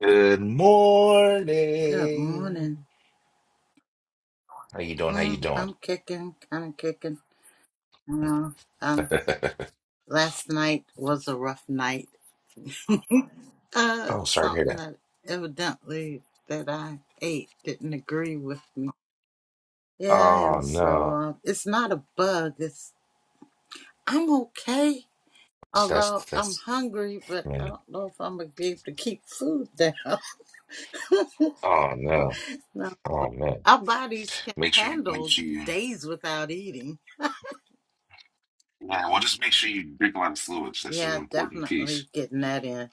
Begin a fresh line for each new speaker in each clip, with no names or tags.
Good
Good morning.
morning. How you doing? How you
Mm,
doing?
I'm kicking, kind of kicking. Uh, um, last night was a rough night. uh,
Oh, sorry to hear
something
that.
that evidently that I ate didn't agree with me. Yeah,
Oh
and so
no,
uh, it's not a bug. It's I'm okay,
that's
although I'm
that's.
hungry, but
man.
I don't know if I'm gonna be able to keep food down.
oh no,
no,
oh man.
our bodies can
Make sure you make
handle
sure you.
days without eating.
Yeah, well, just make sure you drink a lot of fluids. That's an
Yeah,
important piece.
definitely getting that in.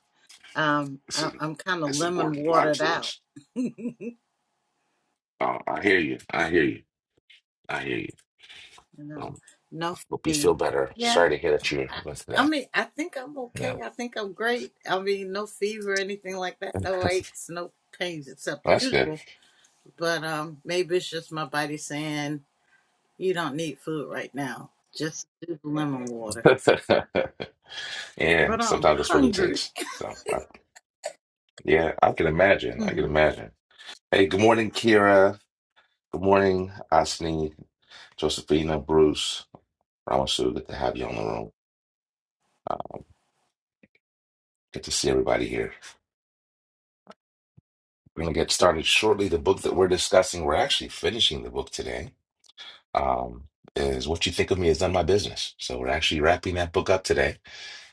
Um,
That's
I,
a,
I'm kind of
that's
lemon
important. A lot of
watered out,
fluids. Oh, I hear you. I hear you. I hear you.
you know.
Um,
No
hope you feel
fever.
better.
Yeah.
Sorry to hear that you
I,
went through
I
that.
mean, I think I'm
Yeah,
okay. I think I'm great. I mean, no fever, anything like that. No aches, no pains except the
that's good.
usual. But um, maybe it's just my body saying you don't need food right now. Just do the lemon water.
Yeah,
But I'm
sometimes that's what it
hungry.
takes. So I Yeah, I can imagine. I can
Hmm.
imagine. Hey, good morning, Kira. Good morning, Asni, Josephina, Bruce. Ramasu, good to have you on the room. Good to see everybody here. We're going to get started shortly. The book that we're discussing, we're actually finishing the book today, um, is What You Think of Me Is None of My Business. So we're actually wrapping that book up today,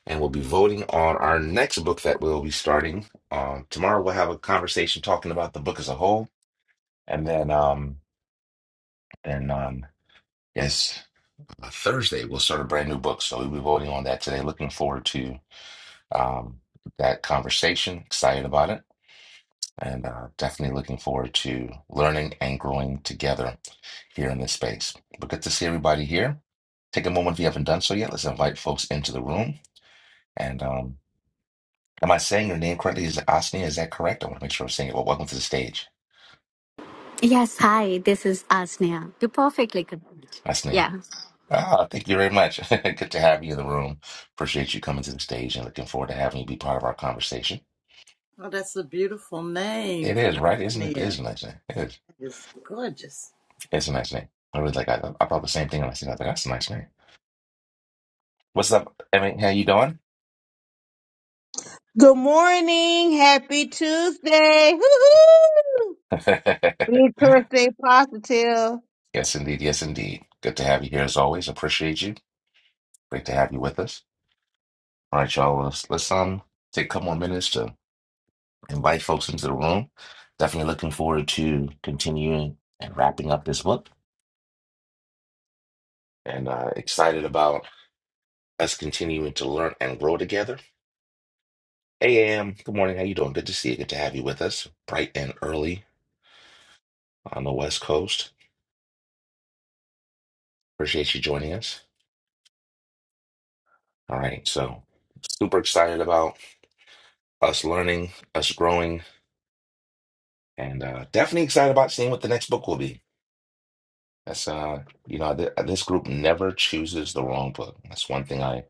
and we'll be voting on our next book that we'll be starting. Um, tomorrow we'll have a conversation talking about the book as a whole, and then, um, and, um, yes. on Thursday, we'll start a brand new book. So we'll be voting on that today. Looking forward to um, that conversation. Excited about it. And uh, definitely looking forward to learning and growing together here in this space. But good to see everybody here. Take a moment if you haven't done so yet. Let's invite folks into the room. And um, am I saying your name correctly? Is it Asnia? Is that correct? I want to make sure I'm saying it. Well, welcome to the stage,
Yes, hi, this is Asneha. You perfectly could.
Asnia.
Yeah.
Ah, thank you very much. good to have you in the room. Appreciate you coming to the stage and looking forward to having you be part of our conversation.
Oh, that's a beautiful name.
It is, right? Isn't it? It
Yeah,
is a nice name. It is.
it's gorgeous.
It's a nice name. I was like, I, thought- I thought the same thing when I seen it. I was like, that's a nice name. What's up, Emmy? How you doing?
Good morning. Happy Tuesday. Woo-hoo! Be Thursday positive.
Yes, indeed. Yes, indeed. Good to have you here as always. Appreciate you. Great to have you with us. All right, y'all. Let's, let's um take a couple more minutes to invite folks into the room. Definitely looking forward to continuing and wrapping up this book, and uh, excited about us continuing to learn and grow together. Hey, Am. Good morning. How you doing? Good to see you. Good to have you with us, bright and early on the West Coast. Appreciate you joining us. All right, so super excited about us learning, us growing, and uh, definitely excited about seeing what the next book will be. That's uh, you know, th- this group never chooses the wrong book. That's one thing I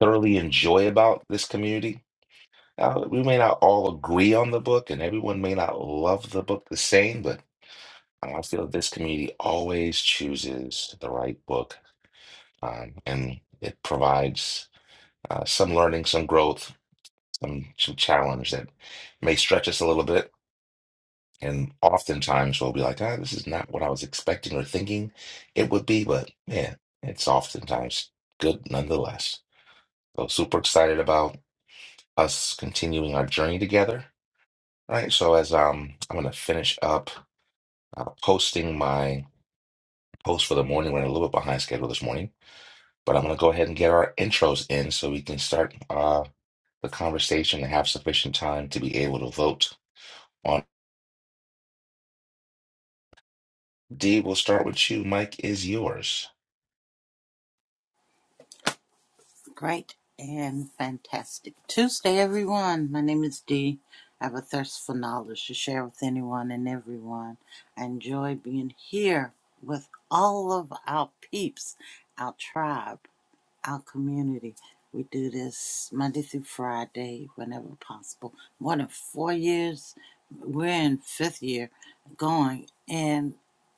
thoroughly enjoy about this community. Uh, we may not all agree on the book, and everyone may not love the book the same, but I feel this community always chooses the right book, um, and it provides uh, some learning, some growth, some some challenge that may stretch us a little bit. And oftentimes we'll be like, ah, this is not what I was expecting or thinking it would be, but man, it's oftentimes good nonetheless. So super excited about us continuing our journey together. All right. So as um I'm gonna finish up uh, posting my post for the morning. We're a little bit behind schedule this morning, but I'm gonna go ahead and get our intros in so we can start uh the conversation and have sufficient time to be able to vote D, we'll start with you. Mike is yours.
Great and fantastic Tuesday, everyone. My name is Dee. I have a thirst for knowledge to share with anyone and everyone. I enjoy being here with all of our peeps, our tribe, our community. We do this Monday through Friday whenever possible. More than four years, we're in fifth year going, and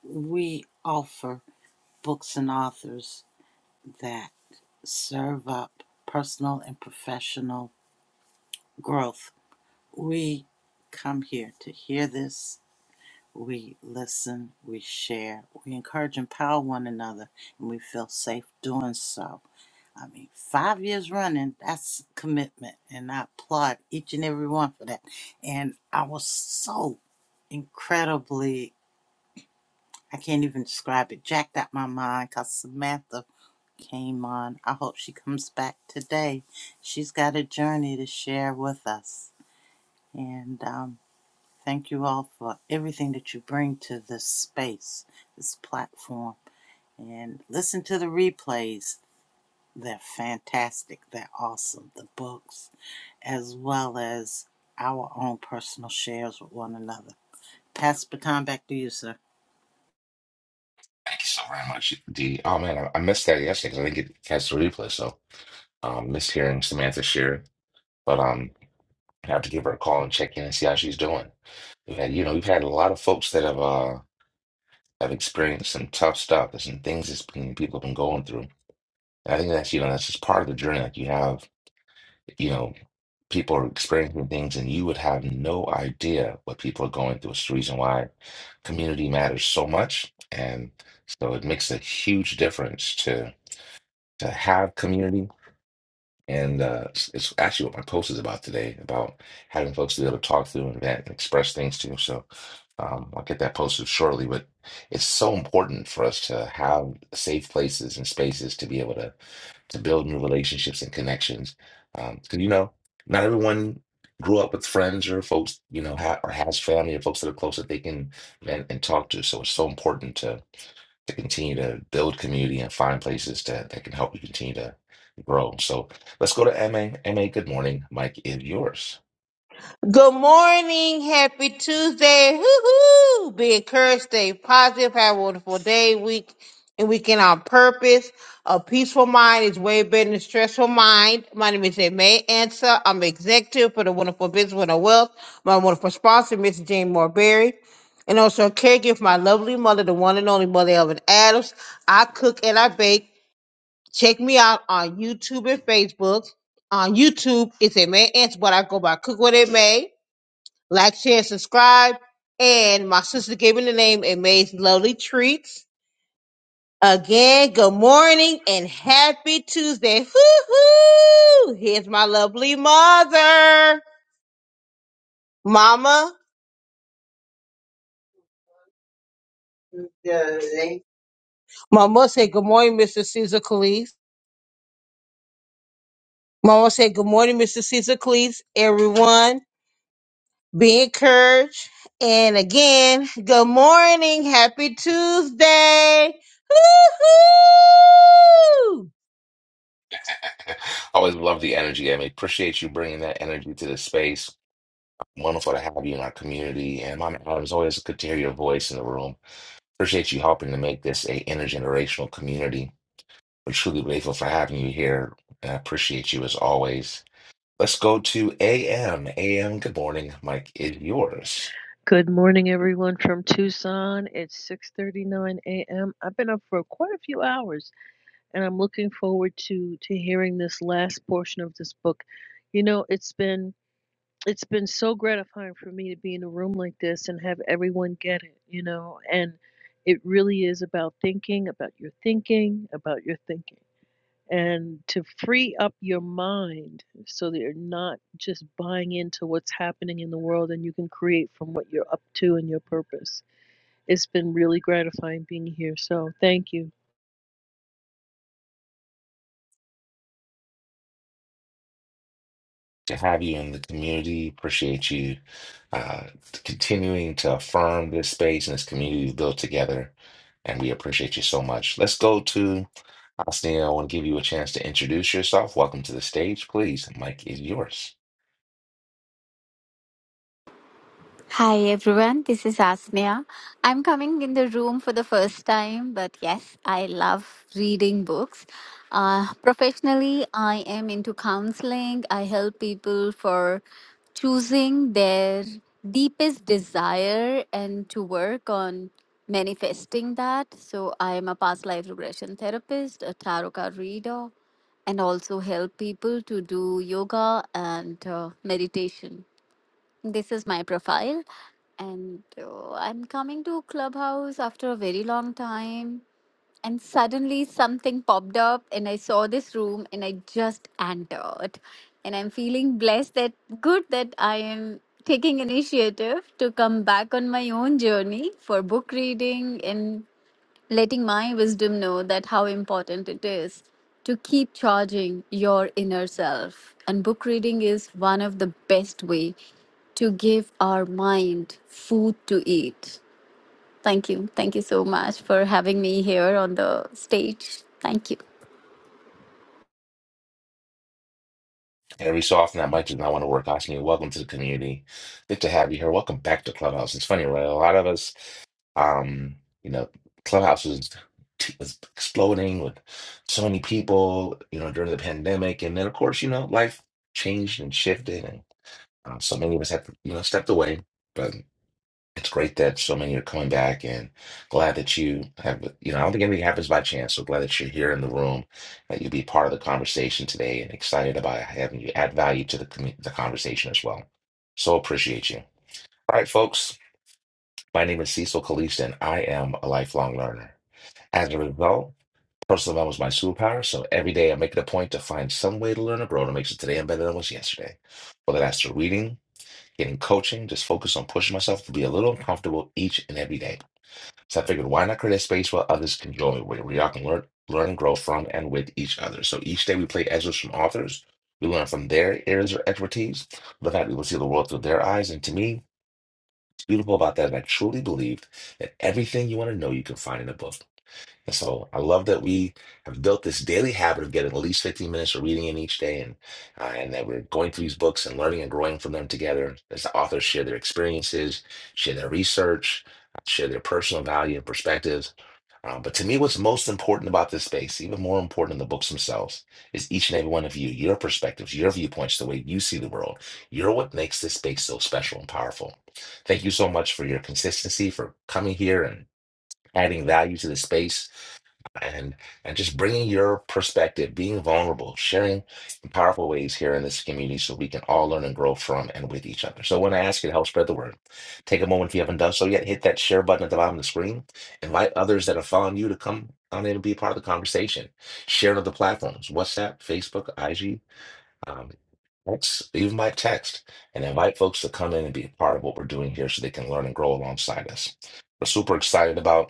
we offer books and authors that serve up personal and professional growth. We come here to hear this. We listen, we share, we encourage, and empower one another, and we feel safe doing so. I mean, five years running, that's commitment, and I applaud each and every one for that. And I was so incredibly, I can't even describe it, jacked out my mind because Samantha came on. I hope she comes back today. She's got a journey to share with us. And um, thank you all for everything that you bring to this space, this platform. And listen to the replays. They're fantastic. They're awesome. The books, as well as our own personal shares with one another. Pass the baton back to you, sir.
Thank you so very much, D. Oh man, I, I missed that yesterday because I didn't get to catch the replay. So um missed hearing Samantha share. But um I have to give her a call and check in and see how she's doing. We've had you know, we've had a lot of folks that have uh have experienced some tough stuff. There's some things that people have been going through. And I think that's you know, that's just part of the journey. Like you have you know, people are experiencing things and you would have no idea what people are going through. It's the reason why community matters so much. And so it makes a huge difference to to have community. And uh, it's, it's actually what my post is about today, about having folks to be able to talk through and vent and express things to. So um, I'll get that posted shortly. But it's so important for us to have safe places and spaces to be able to to build new relationships and connections. because you know, not everyone grew up with friends or folks, you know, ha- or has family or folks that are close that they can and, and talk to. So it's so important to to continue to build community and find places to, that can help you continue to grow. So let's go to MA. MA, good morning. Mike is yours.
Good morning. Happy Tuesday. Woo-hoo! Be encouraged, stay positive, have a wonderful day, week, and weekend on purpose. A peaceful mind is way better than a stressful mind. My name is May Answer. I'm executive for the Wonderful Business with a Wealth. My wonderful sponsor, Mr. Jane Morberry. And also a caregiver for my lovely mother, the one and only mother Elvin Adams. I cook and I bake. Check me out on YouTube and Facebook. On YouTube, it's a May Answer, but I go by Cook What It May. Like, share, subscribe. And my sister gave me the name It May's Lovely Treats. Again, good morning and happy Tuesday. Hoo hoo! Here's my lovely mother. Mama. Good. Mama said, Good morning, Mr. Caesar Calise. Mama said, Good morning, Mr. Caesar Calise, everyone. Be encouraged. And again, good morning. Happy Tuesday. Woo-hoo!
Always love the energy, MA. Appreciate you bringing that energy to the space. Wonderful to have you in our community. And Mama Adams, always good to hear your voice in the room Appreciate you helping to make this a intergenerational community. We're truly grateful for having you here. and I appreciate you as always. Let's go to AM. AM, good morning. Mike is yours.
Good morning, everyone from Tucson. It's 6:39 a.m. I've been up for quite a few hours, and I'm looking forward to to hearing this last portion of this book. You know, it's been it's been so gratifying for me to be in a room like this and have everyone get it. You know, and it really is about thinking, about your thinking, about your thinking and to free up your mind so that you're not just buying into what's happening in the world and you can create from what you're up to and your purpose. It's been really gratifying being here. So thank you.
To have you in the community, appreciate you uh, continuing to affirm this space and this community we've built together. And we appreciate you so much. Let's go to Austin. I want to give you a chance to introduce yourself. Welcome to the stage, please. Mike is yours.
Hi, everyone. This is Asneha. I'm coming in the room for the first time, but yes, I love reading books. Uh, professionally, I am into counseling. I help people for choosing their deepest desire and to work on manifesting that. So, I am a past life regression therapist, a tarot card reader, and also help people to do yoga and uh, meditation. This is my profile, and uh, I'm coming to Clubhouse after a very long time. And suddenly something popped up, and I saw this room, and I just entered. And I'm feeling blessed that good that I am taking initiative to come back on my own journey for book reading and letting my wisdom know that how important it is to keep charging your inner self and book reading is one of the best way to give our mind food to eat thank you thank you so much for having me here on the stage thank you
Every so often, I might just not want to work out. Asking you, welcome to the community. Good to have you here. Welcome back to Clubhouse. It's funny, right? A lot of us, um, you know, Clubhouse was, was exploding with so many people, you know, during the pandemic, and then of course, you know, life changed and shifted, and um, so many of us had, you know, stepped away. but. It's great that so many are coming back and glad that you have, you know, I don't think anything happens by chance. So glad that you're here in the room, that you'll be part of the conversation today and excited about having you add value to the, commu- the conversation as well. So appreciate you. All right, folks. My name is Cecil Kalista and I am a lifelong learner. As a result, personal development is my superpower. So every day I make it a point to find some way to learn or grow to make it today I'm better than I was yesterday. Whether that's through reading, getting coaching, just focus on pushing myself to be a little uncomfortable each and every day. So I figured, why not create a space where others can join, where, where y'all can learn, learn and grow from and with each other. So each day we play excerpts from authors. We learn from their areas of expertise, the fact we will see the world through their eyes. And to me, it's beautiful about that. And I truly believe that everything you want to know, you can find in a book. And so I love that we have built this daily habit of getting at least 15 minutes of reading in each day and uh, and that we're going through these books and learning and growing from them together as the authors share their experiences, share their research, share their personal value and perspectives. Um, but to me, what's most important about this space, even more important than the books themselves, is each and every one of you, your perspectives, your viewpoints, the way you see the world. You're what makes this space so special and powerful. Thank you so much for your consistency, for coming here and adding value to the space and and just bringing your perspective, being vulnerable, sharing in powerful ways here in this community, so we can all learn and grow from and with each other. So when I ask you to help spread the word, take a moment if you haven't done so yet, hit that share button at the bottom of the screen. Invite others that are following you to come on in and be a part of the conversation. Share on other platforms, WhatsApp, Facebook, IG, um, X, even by text, and invite folks to come in and be a part of what we're doing here, so they can learn and grow alongside us. We're super excited about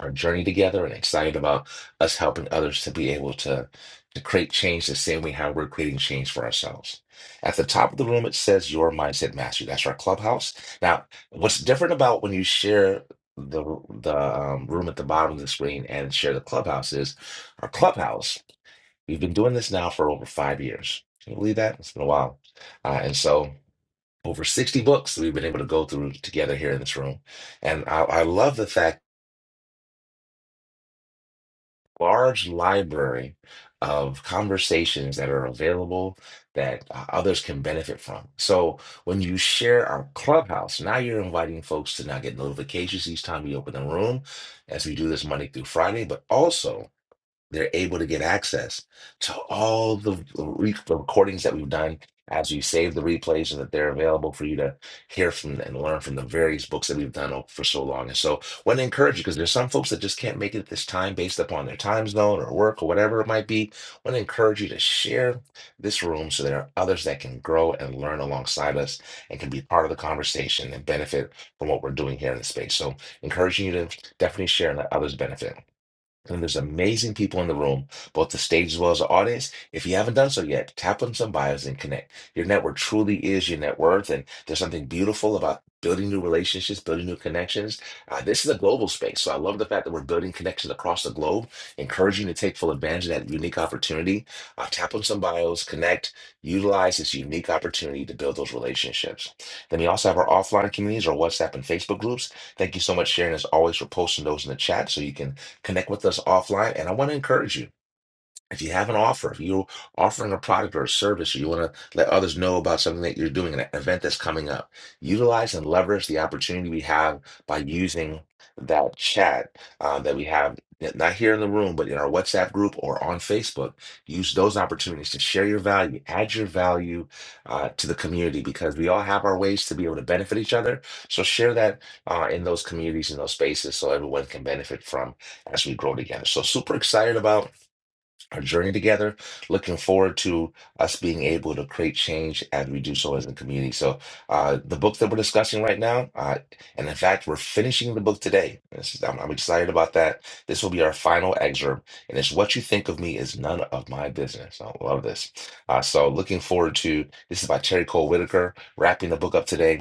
our journey together and excited about us helping others to be able to, to create change the same way how we're creating change for ourselves. At the top of the room, it says Your Mindset Mastery. That's our clubhouse. Now, what's different about when you share the, the um, room at the bottom of the screen and share the clubhouse is our clubhouse. We've been doing this now for over five years. Can you believe that? It's been a while. Uh, and so, over 60 books that we've been able to go through together here in this room. And I, I love the fact large library of conversations that are available that uh, others can benefit from. So when you share our clubhouse, now you're inviting folks to now get notifications each time we open the room as we do this Monday through Friday, but also they're able to get access to all the, re- the recordings that we've done as we save the replays so that they're available for you to hear from and learn from the various books that we've done o- for so long. And so want to encourage you because there's some folks that just can't make it at this time based upon their time zone or work or whatever it might be. want to encourage you to share this room so there are others that can grow and learn alongside us and can be part of the conversation and benefit from what we're doing here in the space. So encouraging you to definitely share and let others benefit. And there's amazing people in the room, both the stage as well as the audience. If you haven't done so yet, tap on some bios and connect. Your network truly is your net worth, and there's something beautiful about building new relationships, building new connections. Uh, this is a global space, so I love the fact that we're building connections across the globe, encouraging you to take full advantage of that unique opportunity. Uh, tap on some bios, connect, utilize this unique opportunity to build those relationships. Then we also have our offline communities, our WhatsApp and Facebook groups. Thank you so much, Sharon, as always, for posting those in the chat so you can Connect with us offline. And I want to encourage you. If you have an offer, if you're offering a product or a service, or you want to let others know about something that you're doing, an e-, event that's coming up, utilize and leverage the opportunity we have by using that chat uh, that we have, not here in the room, but in our WhatsApp group or on Facebook. Use those opportunities to share your value, add your value uh, to the community because we all have our ways to be able to benefit each other. So share that uh, in those communities, in those spaces, so everyone can benefit from as we grow together. So super excited about our journey together. Looking forward to us being able to create change as we do so as a community. So, uh, the book that we're discussing right now, uh, and in fact, we're finishing the book today. This is, I'm, I'm excited about that. This will be our final excerpt, and it's What You Think of Me is None of My Business. I love this. Uh, so, looking forward to this is by Terry Cole Whitaker, wrapping the book up today.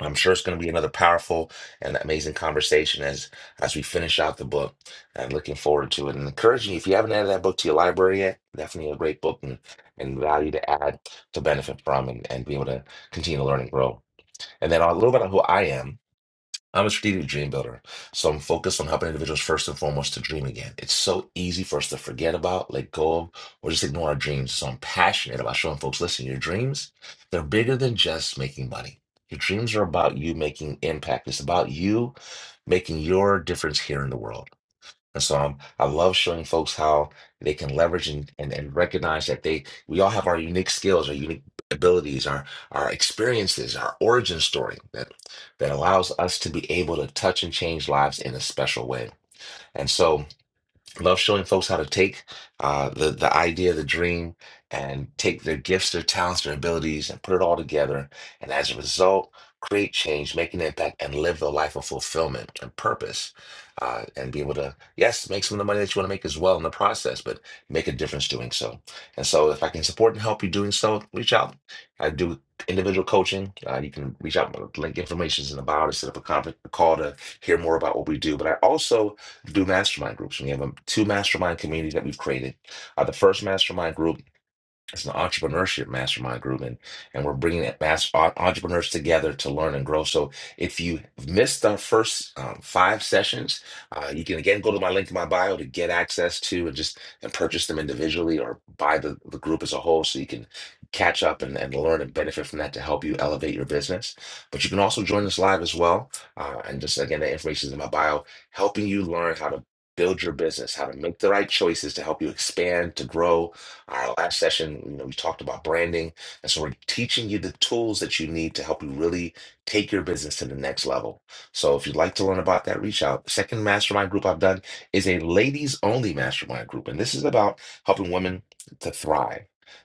I'm sure it's going to be another powerful and amazing conversation as as we finish out the book. And looking forward to it and encouraging you if you haven't added that book to your library yet, definitely a great book and, and value to add to benefit from and, and be able to continue to learn and grow. And then a little bit of who I am. I'm a strategic dream builder, so I'm focused on helping individuals first and foremost to dream again. It's so easy for us to forget about, let go of, or just ignore our dreams. So I'm passionate about showing folks, listen, your dreams, they're bigger than just making money. Your dreams are about you making impact. It's about you making your difference here in the world. And so I'm, I love showing folks how they can leverage and, and, and recognize that they we all have our unique skills, our unique abilities, our our experiences, our origin story that that allows us to be able to touch and change lives in a special way. And so love showing folks how to take uh, the the idea, the dream, and take their gifts, their talents, their abilities, and put it all together. And as a result, create change, make an impact, and live the life of fulfillment and purpose. Uh, and be able to, yes, make some of the money that you want to make as well in the process, but make a difference doing so. And so, if I can support and help you doing so, reach out. I do individual coaching. Uh, you can reach out. my Link information is in the bio to set up a, conference, a call to hear more about what we do. But I also to do mastermind groups. We have um, two mastermind communities that we've created. Uh, the first mastermind group it's an entrepreneurship mastermind group, and, and we're bringing that mass en- entrepreneurs together to learn and grow. So, if you missed our first um, five sessions, uh, you can again go to my link in my bio to get access to and just and purchase them individually or buy the, the group as a whole so you can catch up and, and learn and benefit from that to help you elevate your business. But you can also join us live as well. Uh, and just again, the information is in my bio, helping you learn how to build your business, how to make the right choices to help you expand, to grow our last session, you know, we talked about branding. And so we're teaching you the tools that you need to help you really take your business to the next level. So if you'd like to learn about that, reach out. The second mastermind group I've done is a ladies only mastermind group. And this is about helping women to thrive.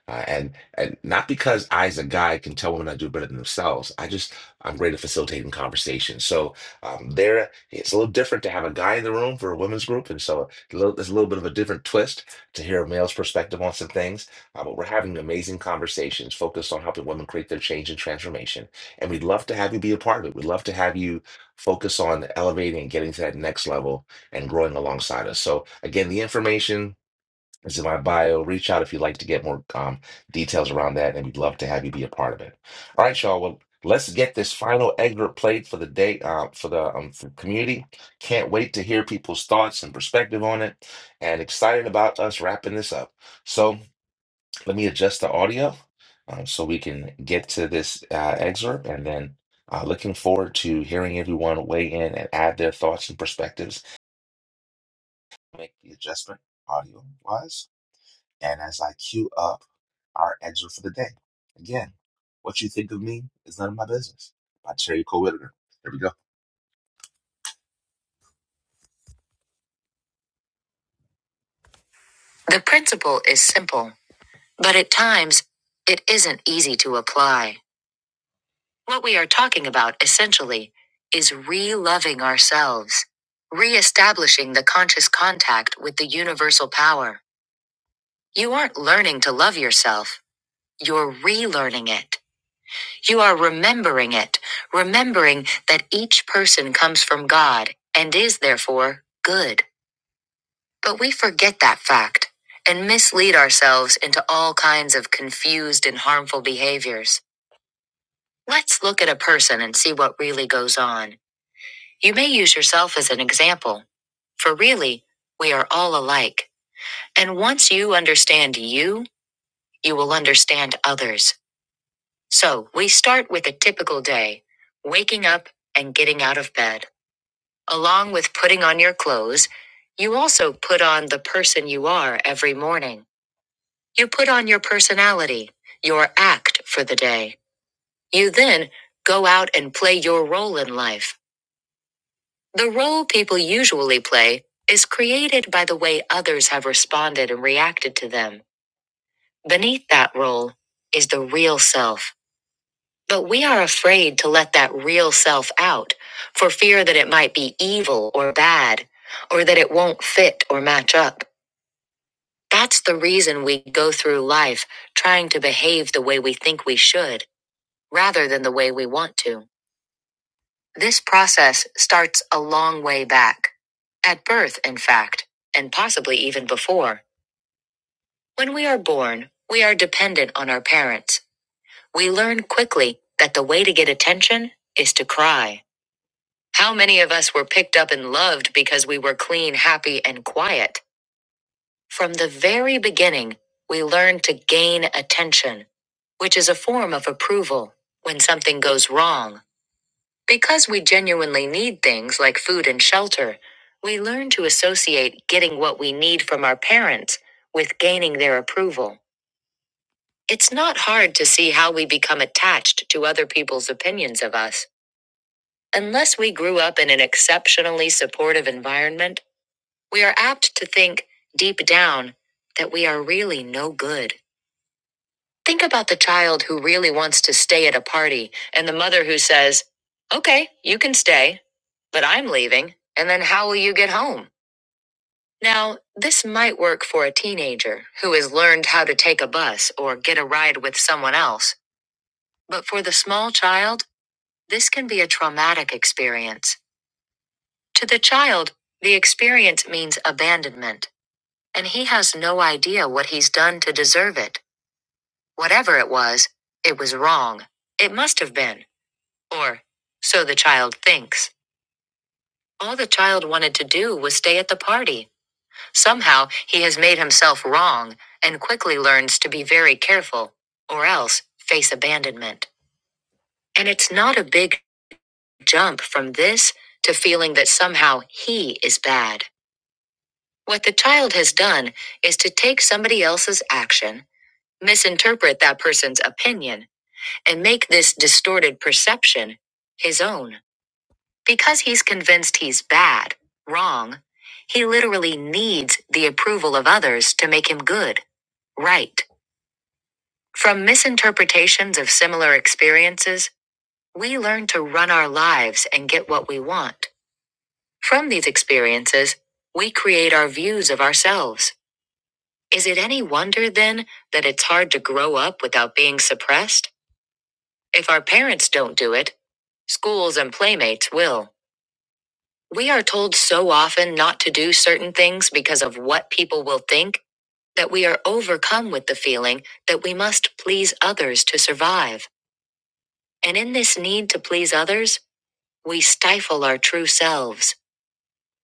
Uh, and and not because I as a guy can tell women I do better than themselves. I just I'm great at facilitating conversations. So um, there, it's a little different to have a guy in the room for a women's group, and so a little, there's a little bit of a different twist to hear a male's perspective on some things. Uh, but we're having amazing conversations focused on helping women create their change and transformation. And we'd love to have you be a part of it. We'd love to have you focus on elevating and getting to that next level and growing alongside us. So, again, the information it's in my bio. Reach out if you'd like to get more um, details around that, and we'd love to have you be a part of it. All right, y'all. Well, let's get this final excerpt played for the day uh, for the um, for community. Can't wait to hear people's thoughts and perspective on it, and excited about us wrapping this up. So let me adjust the audio um, so we can get to this uh, excerpt, and then uh, looking forward to hearing everyone weigh in and add their thoughts and perspectives. Make the adjustment audio wise. And as I queue up our excerpt for the day, again, what you think of me is none of my business by Terry Cole Whitaker. Here we go. The principle is simple, but at times it isn't easy to apply. What we are talking about essentially is re loving ourselves, re establishing the conscious contact with the universal power. You aren't learning to love yourself, you're relearning it. You are remembering it, remembering that each person comes from God and is therefore good. But we forget that fact and mislead ourselves into all kinds of confused and harmful behaviors. Let's look at a person and see what really goes on. You may use yourself as an example, for really, we are all alike. And once you understand you, you will understand others. So we start with a typical day waking up and getting out of bed. Along with putting on your clothes, you also put on the person you are every morning. You put on your personality, your act for the day. You then go out and play your role in life. The role people usually play is created by the way others have responded and reacted to them. Beneath that role is the real self But we are afraid to let that real self out for fear that it might be evil or bad or that it won't fit or match up. That's the reason we go through life trying to behave the way we think we should rather than the way we want to. This process starts a long way back. At birth, in fact, and possibly even before. When we are born, we are dependent on our parents. We learn quickly that the way to get attention is to cry. How many of us were picked up and loved because we were clean, happy, and quiet? From the very beginning, we learned to gain attention, which is a form of approval when something goes wrong. Because we genuinely need things like food and shelter, we learn to associate getting what we need from our parents with gaining their approval. It's not hard to see how we become attached to other people's opinions of us. Unless we grew up in an exceptionally supportive environment, We are apt to think, deep down, that we are really no good. Think about the child who really wants to stay at a party and the mother who says, Okay, you can stay, but I'm leaving, and then how will you get home? Now, this might work for a teenager who has learned how to take a bus or get a ride with someone else, but for the small child, this can be a traumatic experience. To the child, the experience means abandonment and he has no idea what he's done to deserve it. Whatever it was, it was wrong. It must have been. Or, so the child thinks. All the child wanted to do was stay at the party. Somehow, he has made himself wrong and quickly learns to be very careful, or else face abandonment. And it's not a big jump from this to feeling that somehow he is bad. What the child has done is to take somebody else's action misinterpret that person's opinion, and make this distorted perception his own. Because he's convinced he's bad, wrong, he literally needs the approval of others to make him good, right. From misinterpretations of similar experiences, we learn to run our lives and get what we want. From these experiences, we create our views of ourselves. Is it any wonder then that it's hard to grow up without being suppressed? If our parents don't do it, schools and playmates will. We are told so often not to do certain things because of what people will think that we are overcome with the feeling that we must please others to survive. And in this need to please others, we stifle our true selves.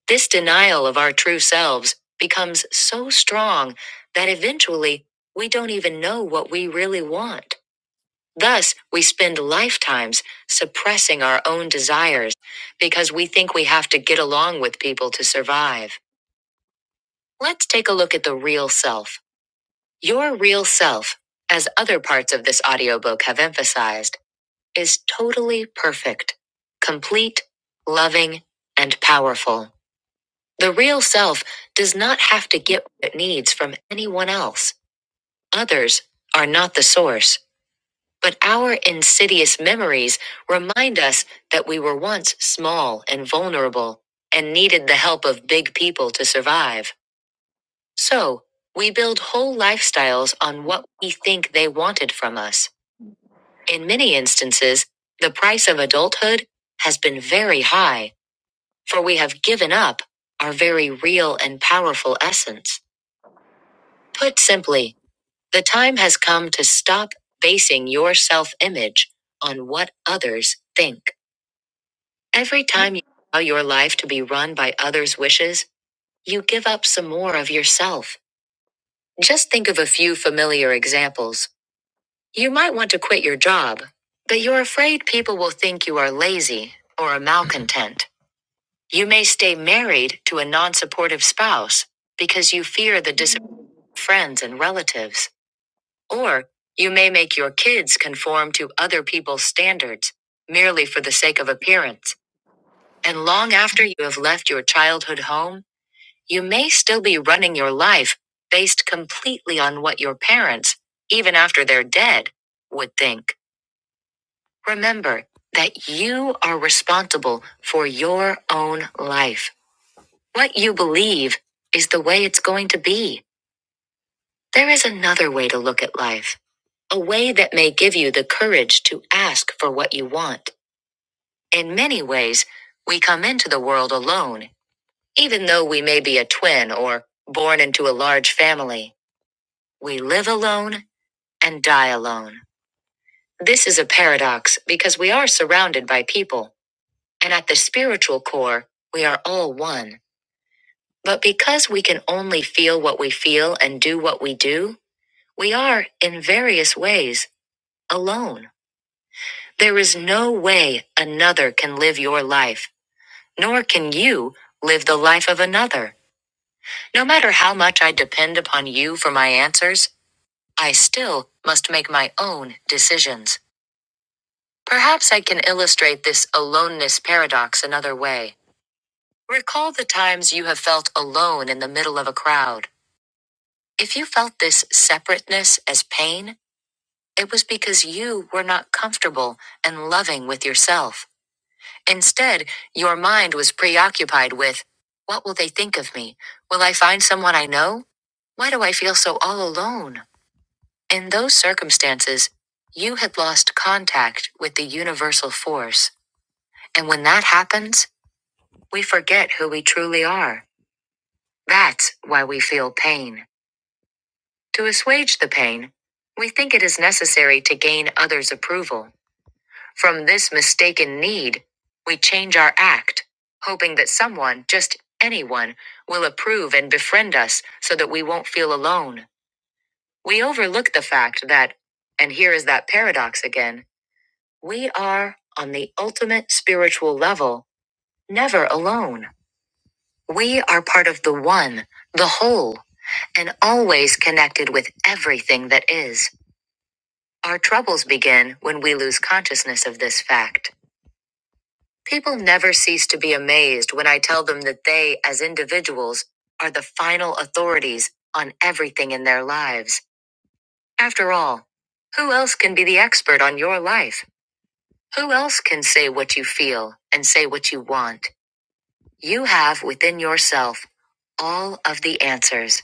This denial of our true selves becomes so strong that eventually we don't even know what we really want. Thus, we spend lifetimes suppressing our own desires because we think we have to get along with people to survive. Let's take a look at the real self. Your real self, as other parts of this audiobook have emphasized, is totally perfect, complete, loving, and powerful. The real self does not have to get what it needs from anyone else. Others are not the source. But our insidious memories remind us that we were once small and vulnerable and needed the help of big people to survive. So, we build whole lifestyles on what we think they wanted from us. In many instances, the price of adulthood has been very high, for we have given up our very real and powerful essence. Put simply, the time has come to stop basing your self image on what others think. Every time you allow your life to be run by others' wishes, you give up some more of yourself. Just think of a few familiar examples. You might want to quit your job, but you're afraid people will think you are lazy or a malcontent. You may stay married to a non supportive spouse because you fear the dis friends and relatives. Or you may make your kids conform to other people's standards merely for the sake of appearance. And long after you have left your childhood home, You may still be running your life based completely on what your parents, even after they're dead, would think. Remember that you are responsible for your own life. What you believe is the way it's going to be. There is another way to look at life a way that may give you the courage to ask for what you want. In many ways, we come into the world alone, even though we may be a twin or born into a large family. We live alone and die alone. This is a paradox because we are surrounded by people, and at the spiritual core, we are all one. But because we can only feel what we feel and do what we do, we are, in various ways, alone. There is no way another can live your life, nor can you live the life of another. No matter how much I depend upon you for my answers, I still must make my own decisions. Perhaps I can illustrate this aloneness paradox another way. Recall the times you have felt alone in the middle of a crowd. If you felt this separateness as pain, it was because you were not comfortable and loving with yourself. Instead, your mind was preoccupied with, What will they think of me? Will I find someone I know? Why do I feel so all alone? In those circumstances, you had lost contact with the universal force. And when that happens, We forget who we truly are. That's why we feel pain. To assuage the pain, we think it is necessary to gain others' approval. From this mistaken need, we change our act, hoping that someone, just anyone, will approve and befriend us so that we won't feel alone. We overlook the fact that, and here is that paradox again, we are, on the ultimate spiritual level, never alone. We are part of the one, the whole, and always connected with everything that is. Our troubles begin when we lose consciousness of this fact. People never cease to be amazed when I tell them that they, as individuals, are the final authorities on everything in their lives. After all, who else can be the expert on your life? Who else can say what you feel and say what you want? You have within yourself all of the answers.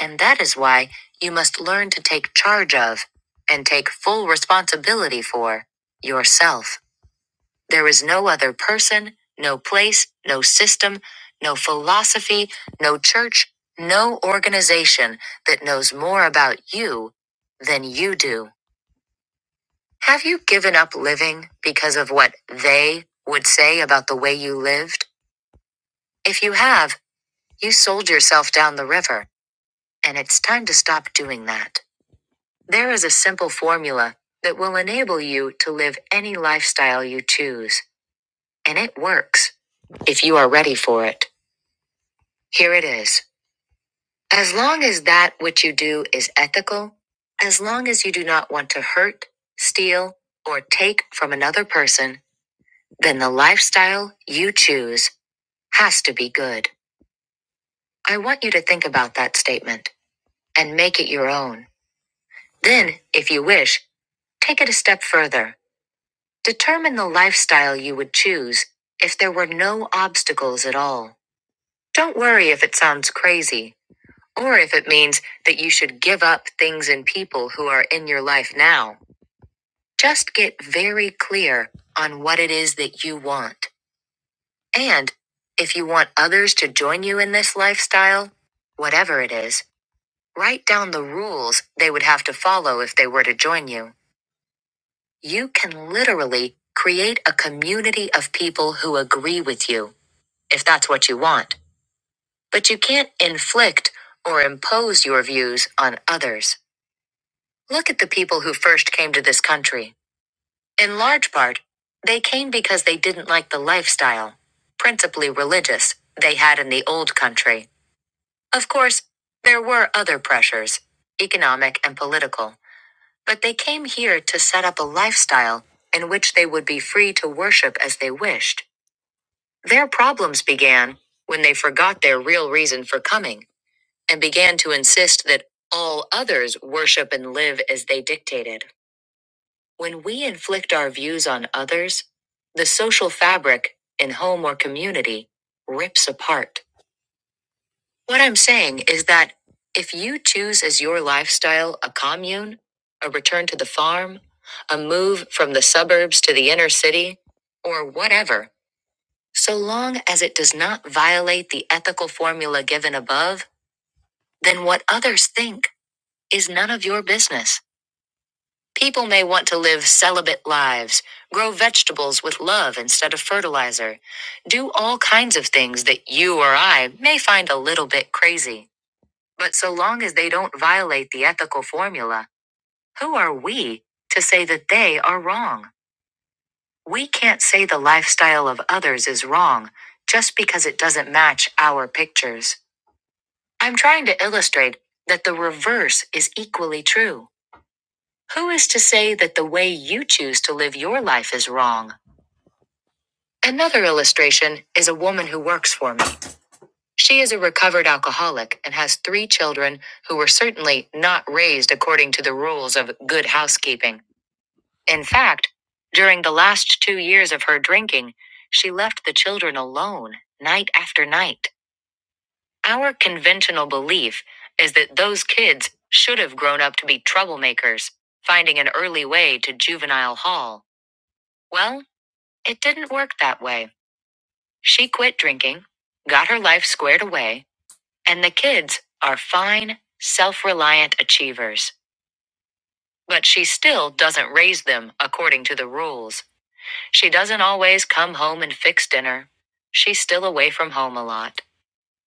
And that is why you must learn to take charge of and take full responsibility for yourself. There is no other person, no place, no system, no philosophy, no church, no organization that knows more about you than you do. Have you given up living because of what they would say about the way you lived? If you have, you sold yourself down the river, and it's time to stop doing that. There is a simple formula that will enable you to live any lifestyle you choose. And it works if you are ready for it. Here it is. As long as that which you do is ethical, as long as you do not want to hurt, steal, or take from another person, then the lifestyle you choose has to be good. I want you to think about that statement and make it your own. Then, if you wish, take it a step further. Determine the lifestyle you would choose if there were no obstacles at all. Don't worry if it sounds crazy, or if it means that you should give up things and people who are in your life now. Just get very clear on what it is that you want. And if you want others to join you in this lifestyle, whatever it is, write down the rules they would have to follow if they were to join you. You can literally create a community of people who agree with you if that's what you want. But you can't inflict or impose your views on others. Look at the people who first came to this country. In large part, they came because they didn't like the lifestyle, principally religious, they had in the old country. Of course, there were other pressures, economic and political, but they came here to set up a lifestyle in which they would be free to worship as they wished. Their problems began when they forgot their real reason for coming and began to insist that all others worship and live as they dictated. When we inflict our views on others, the social fabric, in home or community, rips apart. What I'm saying is that if you choose as your lifestyle a commune, a return to the farm, a move from the suburbs to the inner city, or whatever, so long as it does not violate the ethical formula given above, then what others think is none of your business. People may want to live celibate lives, grow vegetables with love instead of fertilizer, do all kinds of things that you or I may find a little bit crazy. But so long as they don't violate the ethical formula, who are we to say that they are wrong? We can't say the lifestyle of others is wrong just because it doesn't match our pictures. I'm trying to illustrate that the reverse is equally true. Who is to say that the way you choose to live your life is wrong? Another illustration is a woman who works for me. She is a recovered alcoholic and has three children who were certainly not raised according to the rules of good housekeeping. In fact, during the last two years of her drinking, she left the children alone night after night. Our conventional belief is that those kids should have grown up to be troublemakers, finding an early way to juvenile hall. Well, It didn't work that way. She quit drinking, got her life squared away, and the kids are fine, self reliant achievers. But she still doesn't raise them according to the rules. She doesn't always come home and fix dinner. She's still away from home a lot.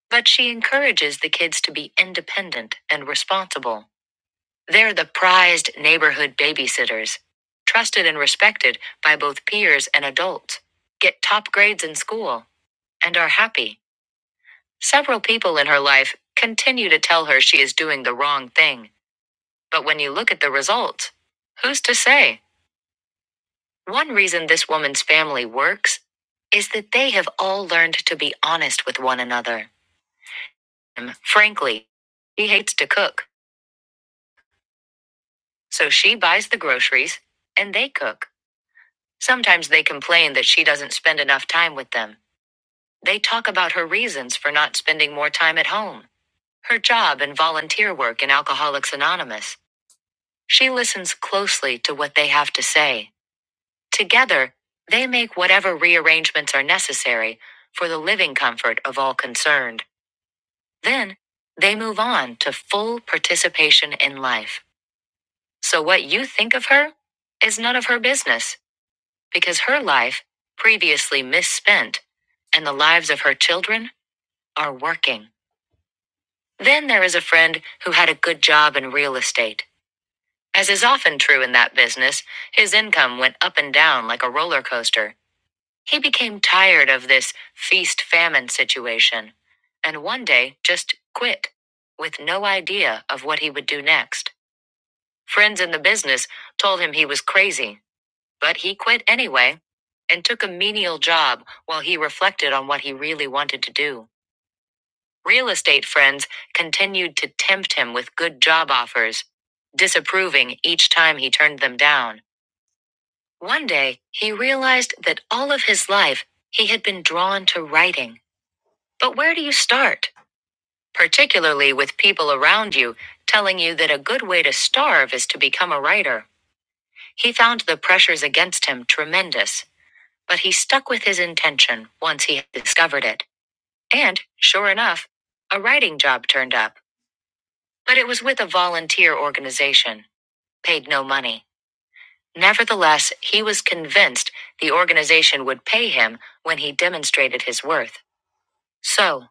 But she encourages the kids to be independent and responsible. They're the prized neighborhood babysitters, trusted and respected by both peers and adults, get top grades in school, and are happy. Several people in her life continue to tell her she is doing the wrong thing, but when you look at the results, who's to say? One reason this woman's family works is that they have all learned to be honest with one another. Um, Frankly, she hates to cook, so she buys the groceries and they cook. Sometimes they complain that she doesn't spend enough time with them. They talk about her reasons for not spending more time at home, her job and volunteer work in Alcoholics Anonymous. She listens closely to what they have to say. Together, they make whatever rearrangements are necessary for the living comfort of all concerned. Then, they move on to full participation in life. So, what you think of her is none of her business, because her life, previously misspent, and the lives of her children are working. Then there is a friend who had a good job in real estate. As is often true in that business, his income went up and down like a roller coaster. He became tired of this feast famine situation and one day just quit with no idea of what he would do next. Friends in the business told him he was crazy, but he quit anyway and took a menial job while he reflected on what he really wanted to do. Real estate friends continued to tempt him with good job offers, disapproving each time he turned them down. One day, he realized that all of his life he had been drawn to writing. But where do you start? Particularly with people around you telling you that a good way to starve is to become a writer. He found the pressures against him tremendous, but he stuck with his intention once he had discovered it. And, sure enough, a writing job turned up. But it was with a volunteer organization, paid no money. Nevertheless, he was convinced the organization would pay him when he demonstrated his worth. So,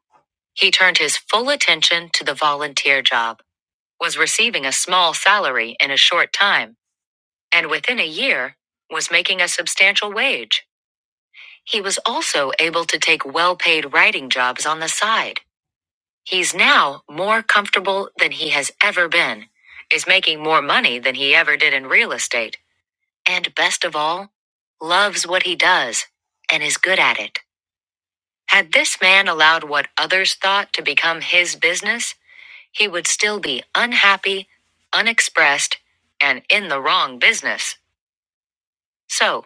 he turned his full attention to the volunteer job, was receiving a small salary in a short time, and within a year, was making a substantial wage. He was also able to take well paid writing jobs on the side. He's now more comfortable than he has ever been, is making more money than he ever did in real estate And best of all, loves what he does and is good at it. Had this man allowed what others thought to become his business, he would still be unhappy, unexpressed, and in the wrong business. So,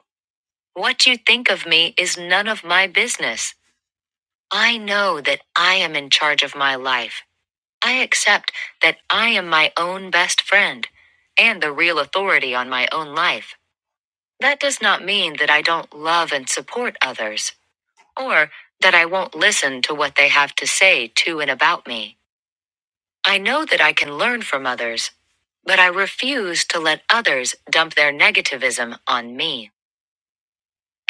what you think of me is none of my business. I know that I am in charge of my life. I accept that I am my own best friend and the real authority on my own life. That does not mean that I don't love and support others, or that I won't listen to what they have to say to and about me. I know that I can learn from others, but I refuse to let others dump their negativism on me.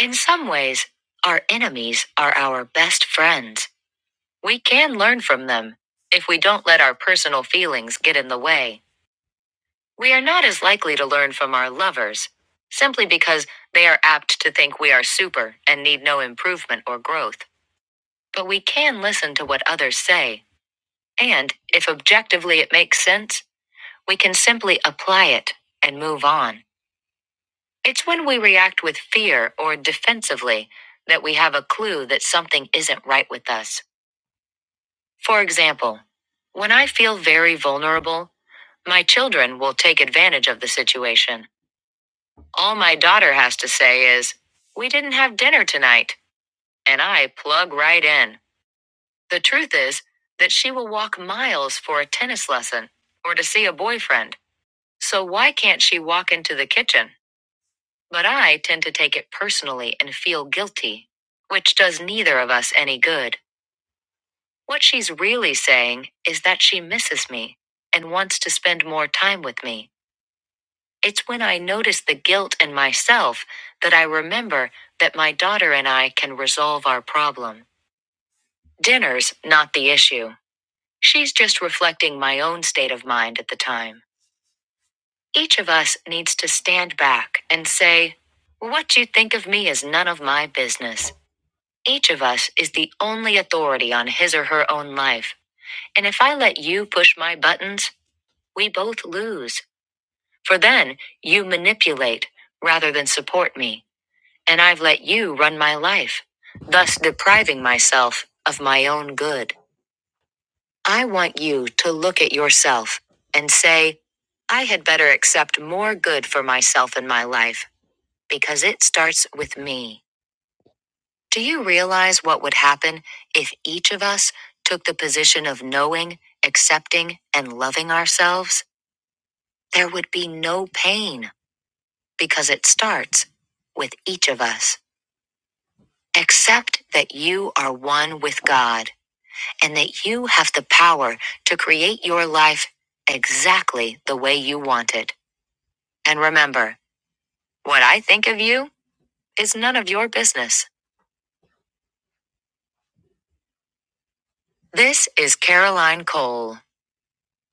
In some ways, our enemies are our best friends. We can learn from them if we don't let our personal feelings get in the way. We are not as likely to learn from our lovers, simply because they are apt to think we are super and need no improvement or growth. But we can listen to what others say, and if objectively it makes sense, we can simply apply it and move on. It's when we react with fear or defensively that we have a clue that something isn't right with us. For example, when I feel very vulnerable, my children will take advantage of the situation. All my daughter has to say is, We didn't have dinner tonight. And I plug right in. The truth is that she will walk miles for a tennis lesson or to see a boyfriend. So why can't she walk into the kitchen? But I tend to take it personally and feel guilty, which does neither of us any good. What she's really saying is that she misses me and wants to spend more time with me. It's when I notice the guilt in myself that I remember that my daughter and I can resolve our problem. Dinner's not the issue. She's just reflecting my own state of mind at the time. Each of us needs to stand back and say, What you think of me is none of my business. Each of us is the only authority on his or her own life. And if I let you push my buttons, we both lose. For then you manipulate rather than support me. and I've let you run my life, thus depriving myself of my own good. I want you to look at yourself and say, I had better accept more good for myself in my life, because it starts with me. Do you realize what would happen if each of us took the position of knowing, accepting, and loving ourselves? There would be no pain, because it starts with each of us. Accept that you are one with God and that you have the power to create your life exactly the way you want it. And remember, what I think of you is none of your business. This is Caroline Cole.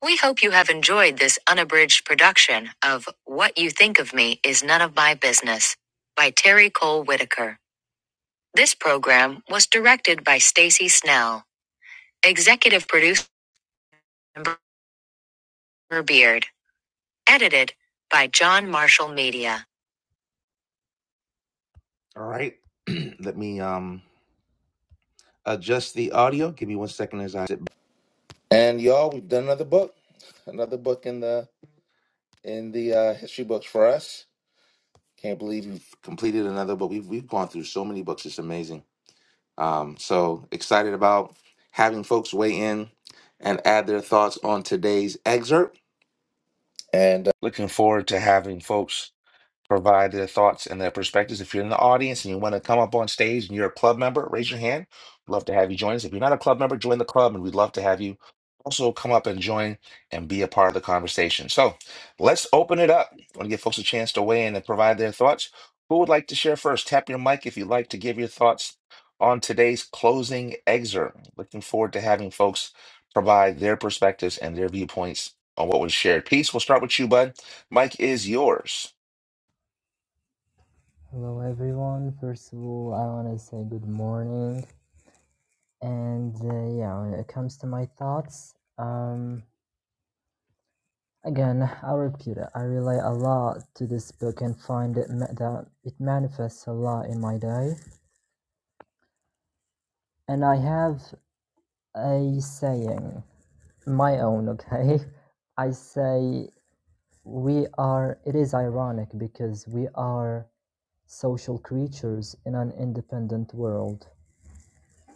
We hope you have enjoyed this unabridged production of What You Think of Me is None of My Business by Terry Cole Whitaker. This program was directed by Stacy Snell, executive producer Amber Beard, edited by John Marshall Media. All right. Let me um adjust the audio. Give me one second as I sit. back. And y'all, we've done another book. Another book in the in the uh history books for us. Can't believe we've completed another book. We've we've gone through so many books. It's amazing. Um so excited about having folks weigh in and add their thoughts on today's excerpt. And uh, looking forward to having folks provide their thoughts and their perspectives. If you're in the audience and you want to come up on stage and you're a club member, raise your hand. We'd love to have you join us. If you're not a club member, join the club, and we'd love to have you also come up and join and be a part of the conversation. So let's open it up. I want to give folks a chance to weigh in and provide their thoughts. Who would like to share first? Tap your mic if you'd like to give your thoughts on today's closing excerpt. Looking forward to having folks provide their perspectives and their viewpoints on what was shared. Peace, we'll start with you, bud. Mike is yours.
Hello everyone. First of all, I want to say good morning. And uh, yeah, when it comes to my thoughts, um, again, I'll repeat it. I relate a lot to this book and find it ma- that it manifests a lot in my day. And I have a saying, my own, okay? I say we are. It is ironic because we are social creatures in an independent world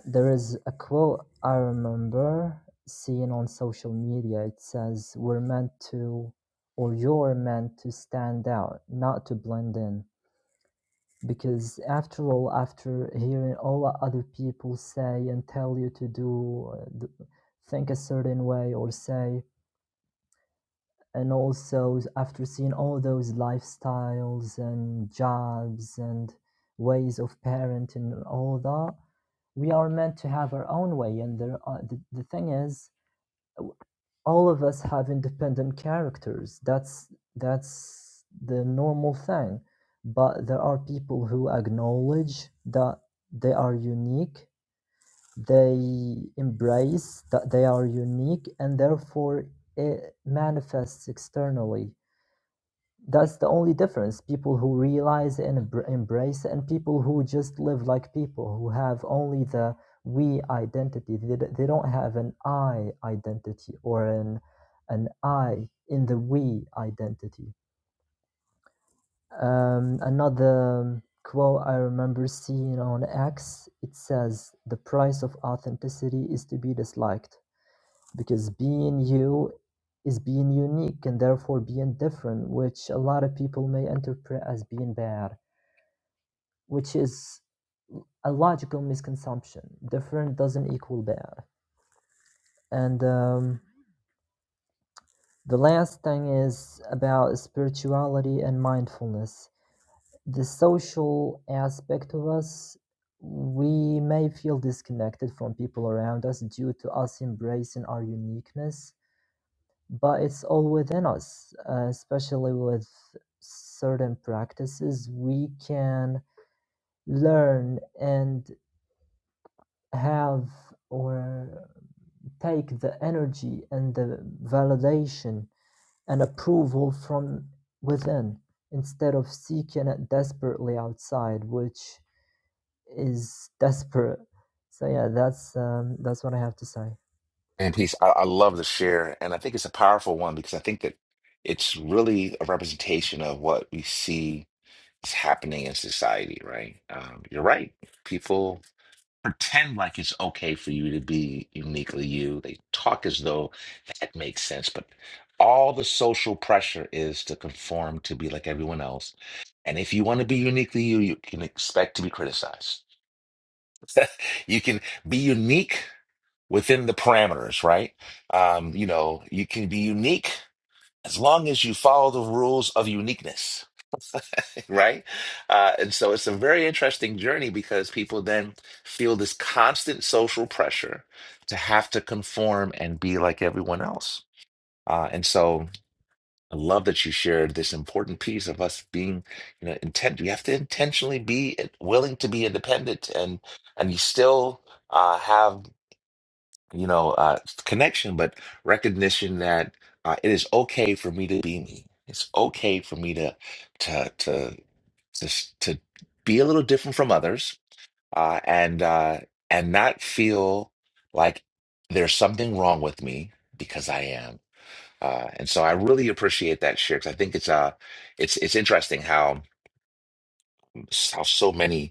There is a quote I remember seeing on social media. It says, We're meant to, or you're meant to stand out, not to blend in. Because after all, after hearing all other people say and tell you to do, uh, th- think a certain way or say, and also after seeing all those lifestyles and jobs and ways of parenting and all that, we are meant to have our own way and there are, the, the thing is all of us have independent characters that's that's the normal thing but there are people who acknowledge that they are unique they embrace that they are unique and therefore it manifests externally that's the only difference. People who realize and embr- embrace, and people who just live like people, who have only the we identity. They, d- they don't have an I identity or an an I in the we identity. Um, another quote I remember seeing on X it says, The price of authenticity is to be disliked because being you is being unique and therefore being different, which a lot of people may interpret as being bad, which is a logical misconception. Different doesn't equal bad. And um, the last thing is about spirituality and mindfulness. The social aspect of us, we may feel disconnected from people around us due to us embracing our uniqueness but it's all within us, uh, especially with certain practices we can learn and have or take the energy and the validation and approval from within instead of seeking it desperately outside which is desperate so yeah that's um, that's what i have to say
And peace. I, I love the share, and I think it's a powerful one because I think that it's really a representation of what we see is happening in society, right? Um, you're right. People pretend like it's okay for you to be uniquely you. They talk as though that makes sense, but all the social pressure is to conform to be like everyone else. And if you want to be uniquely you, you can expect to be criticized. You can be unique within the parameters, right? Um, you know, you can be unique as long as you follow the rules of uniqueness, right? Uh, and so it's a very interesting journey because people then feel this constant social pressure to have to conform and be like everyone else. Uh, and so I love that you shared this important piece of us being, you know, intent. We have to intentionally be willing to be independent and and you still uh, have you know, uh, connection, but recognition that uh, it is okay for me to be me. It's okay for me to to to to, s- to be a little different from others, uh, and uh, and not feel like there's something wrong with me because I am. Uh, and so I really appreciate that share because I think it's uh it's it's interesting how how so many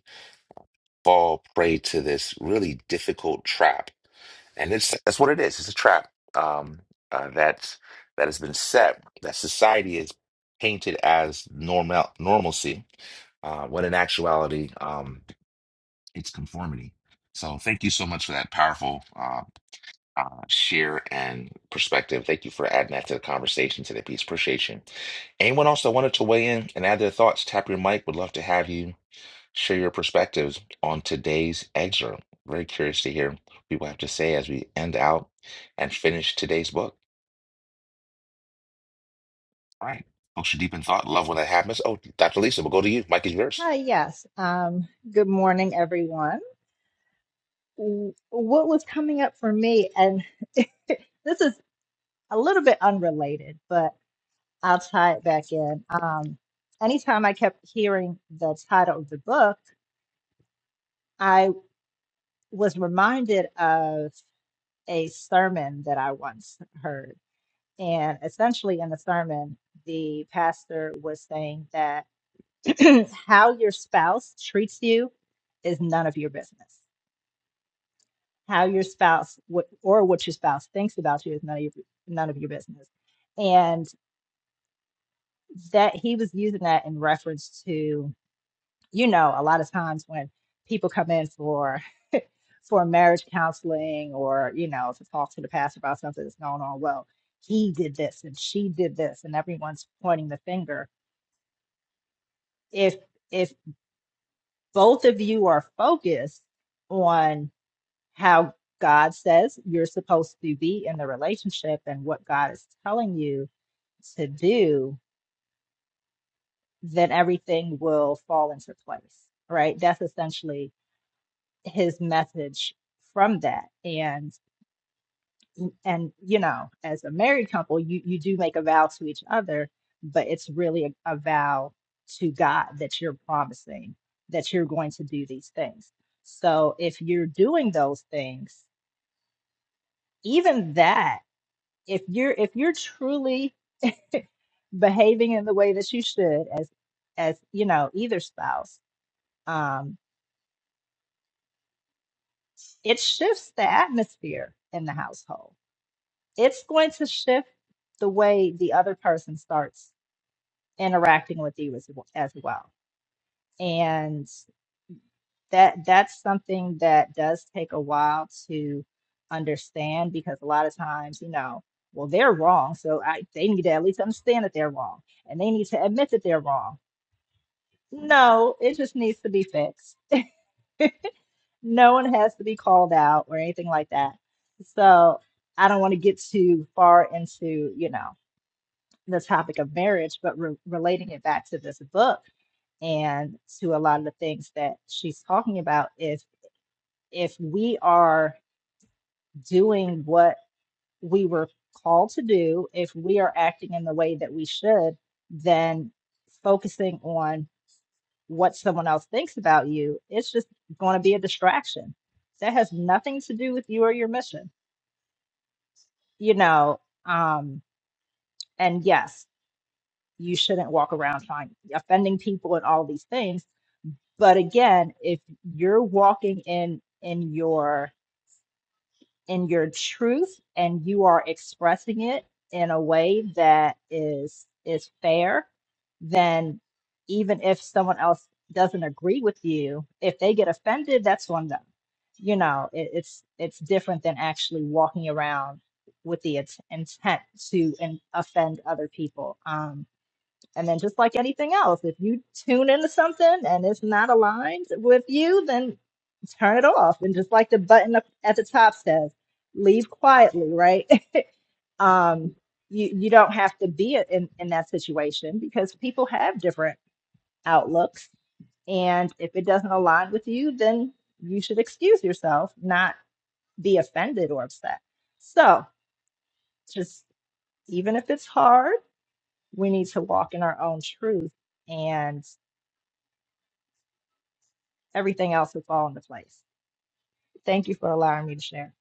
fall prey to this really difficult trap. And it's that's what it is. It's a trap um, uh, that that has been set that society is painted as normal normalcy, uh, when in actuality, um, it's conformity. So thank you so much for that powerful uh, uh, share and perspective. Thank you for adding that to the conversation today, piece. Appreciation. Anyone else that wanted to weigh in and add their thoughts, tap your mic. Would love to have you share your perspectives on today's excerpt. Very curious to hear what people have to say as we end out and finish today's book. All right. Folks are deep in thought. Love when that happens. Oh, Dr. Lisa, we'll go to you. Mike is yours.
Hi, yes. Um, good morning, everyone. W- What was coming up for me, and this is a little bit unrelated, but I'll tie it back in. Um, anytime I kept hearing the title of the book, I was reminded of a sermon that I once heard. And essentially, in the sermon, the pastor was saying that how your spouse treats you is none of your business. how your spouse what, or what your spouse thinks about you is none of your, none of your business. And that he was using that in reference to, you know, a lot of times when people come in for for marriage counseling or, you know, to talk to the pastor about something that's going on, well, he did this and she did this and everyone's pointing the finger. If if both of you are focused on how God says you're supposed to be in the relationship and what God is telling you to do, then everything will fall into place, right? That's essentially his message from that. And and you know, as a married couple, you you do make a vow to each other, but it's really a, a vow to God that you're promising that you're going to do these things. So if you're doing those things, even that if you're if you're truly behaving in the way that you should as as you know either spouse um it shifts the atmosphere in the household it's going to shift the way the other person starts interacting with you as, as well and that that's something that does take a while to understand because a lot of times you know well they're wrong so I, they need to at least understand that they're wrong and they need to admit that they're wrong No, it just needs to be fixed. No one has to be called out or anything like that. So I don't want to get too far into, you know, the topic of marriage, but re relating it back to this book and to a lot of the things that she's talking about If if we are doing what we were called to do, if we are acting in the way that we should, then focusing on what someone else thinks about you. It's just going to be a distraction. That has nothing to do with you or your mission, you know. Um, and yes, you shouldn't walk around trying offending people and all these things. But again, if you're walking in in your in your truth and you are expressing it in a way that is is fair then even if someone else doesn't agree with you if they get offended that's on them you know it, it's it's different than actually walking around with the int- intent to in, offend other people Um, and then just like anything else, if you tune into something and it's not aligned with you, then turn it off. And just like the button up at the top says, leave quietly, right? um, you, you don't have to be in, in that situation because people have different outlooks. And if it doesn't align with you, then you should excuse yourself, not be offended or upset. So just even if it's hard, we need to walk in our own truth and. everything else will fall into place. Thank you for allowing me to share.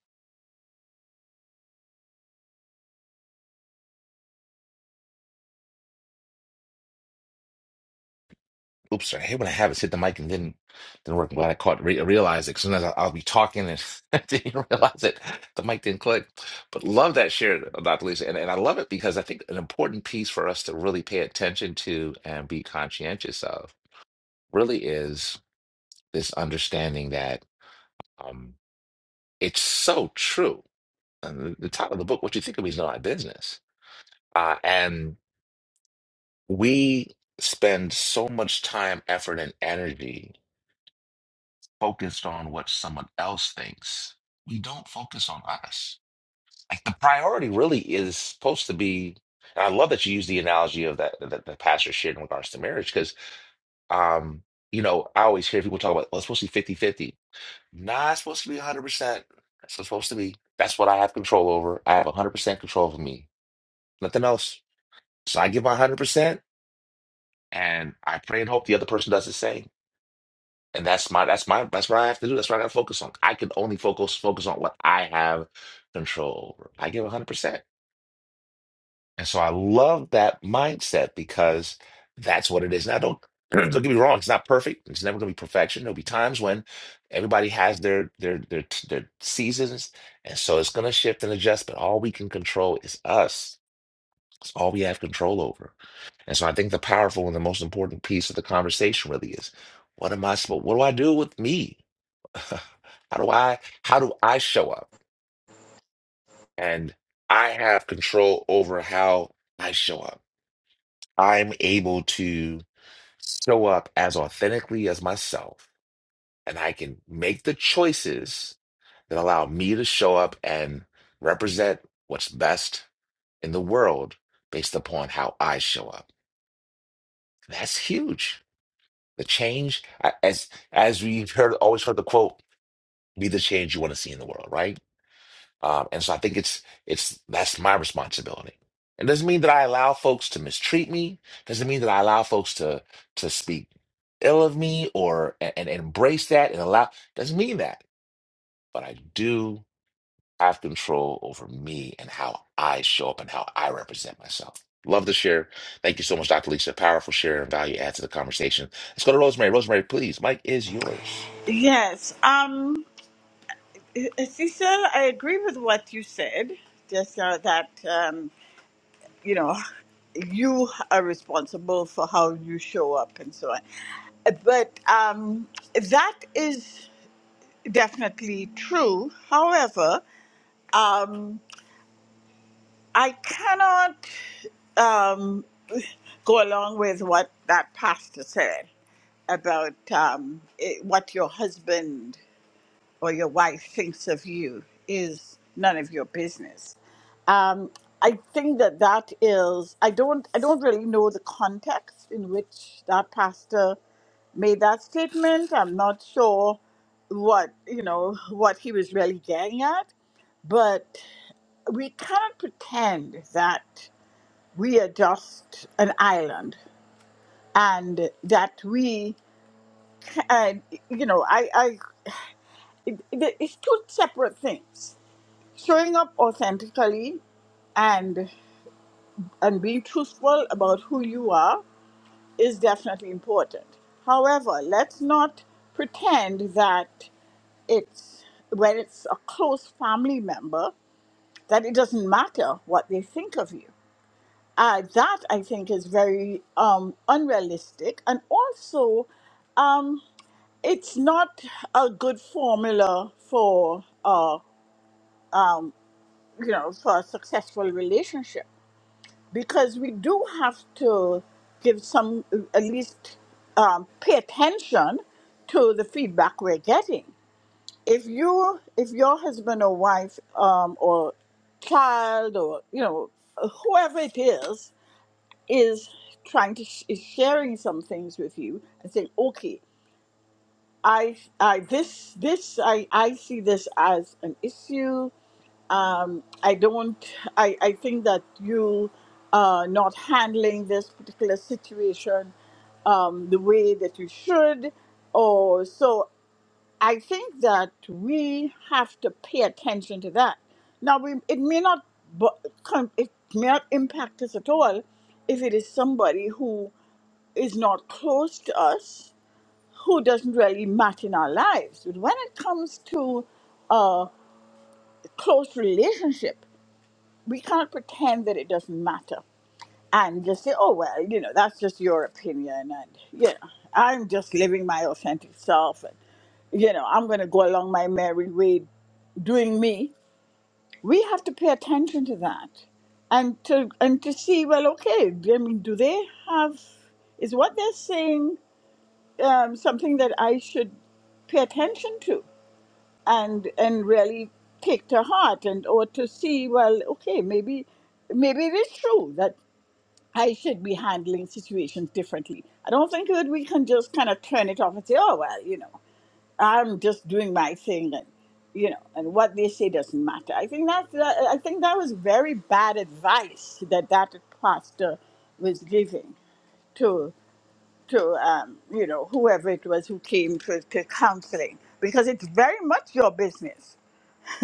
Oops, sorry. I hate when I have it. Hit the mic and then didn't work. I'm glad I caught re- realized it. Sometimes I'll, I'll be talking and I didn't realize it. The mic didn't click. But love that share, Dr. Lisa. And, and I love it because I think an important piece for us to really pay attention to and be conscientious of really is this understanding that Um, it's so true. And the, the title of the book, What You Think of Me, is None of My Business. Uh, and we spend so much time, effort, and energy focused on what someone else thinks. We don't focus on us. Like the priority really is supposed to be. And I love that you use the analogy of that that the pastor shared in regards to marriage, because um, you know, I always hear people talk about, well, it's supposed to be fifty fifty. Nah, it's supposed to be 100%. That's what's supposed to be. That's what I have control over. I have 100% control over me. Nothing else. So I give my 100% and I pray and hope the other person does the same. And that's my that's my that's what I have to do. That's what I got to focus on. I can only focus focus on what I have control over. I give 100%. And so I love that mindset because that's what it is. Now, don't don't get me wrong; it's not perfect. It's never going to be perfection. There'll be times when everybody has their their their their seasons, and so it's going to shift and adjust. But all we can control is us. It's all we have control over. And so I think the powerful and the most important piece of the conversation really is: what am I supposed? What do I do with me? how do I how do I show up? And I have control over how I show up. I'm able to show up as authentically as myself, and I can make the choices that allow me to show up and represent what's best in the world based upon how I show up. That's huge. The change, I- as as we heard, always heard the quote, "Be the change you want to see in the world." Right? Um, and so I think it's it's that's my responsibility. It doesn't mean that I allow folks to mistreat me. Doesn't mean that I allow folks to to speak ill of me or and, and embrace that and allow. Doesn't mean that, but I do have control over me and how I show up and how I represent myself. Love to share. Thank you so much, Dr. Lisa. Powerful share and value add to the conversation. Let's go to Rosemary. Rosemary, please. Mike is yours.
Yes. Um, uh, Cecil, I agree with what you said. Just uh, that, um, you know, you are responsible for how you show up and so on. But um, that is definitely true. However, um, I cannot um, go along with what that pastor said about um, it, what your husband or your wife thinks of you is none of your business. Um, I think that that is. I don't. I don't really know the context in which that pastor made that statement. I'm not sure what you know what he was really getting at, but we cannot pretend that we are just an island and that we and you know I I it, it- it's two separate things showing up authentically and and being truthful about who you are is definitely important however let's not pretend that it's when it's a close family member that it doesn't matter what they think of you uh, that i think is very um, unrealistic and also um, it's not a good formula for uh, you know for a successful relationship because we do have to give some, at least um, pay attention to the feedback we're getting. If you, if your husband or wife um, or child or you know whoever it is is trying to sh- is sharing some things with you and saying, okay, I, I this this I I see this as an issue um, I don't, I, I think that you are not handling this particular situation um, the way that you should. Or so I think that we have to pay attention to that. Now, we, it may not, bu- com- it may not impact us at all if it is somebody who is not close to us, who doesn't really matter in our lives. But when it comes to close relationship, we can't pretend that it doesn't matter and just say, oh, well, you know, that's just your opinion. And, you know, I'm just living my authentic self. And, you know, I'm going to go along my merry way doing me. We have to pay attention to that and to, and to see, well, okay, I mean, do they have, is what they're saying um, something that I should pay attention to? and and really take to heart and or to see well okay maybe maybe it is true that I should be handling situations differently. I don't think that we can just kind of turn it off and say oh well you know I'm just doing my thing and you know and what they say doesn't matter. I think that's that, I think that was very bad advice that that pastor was giving to to um, you know whoever it was who came to, to counseling because it's very much your business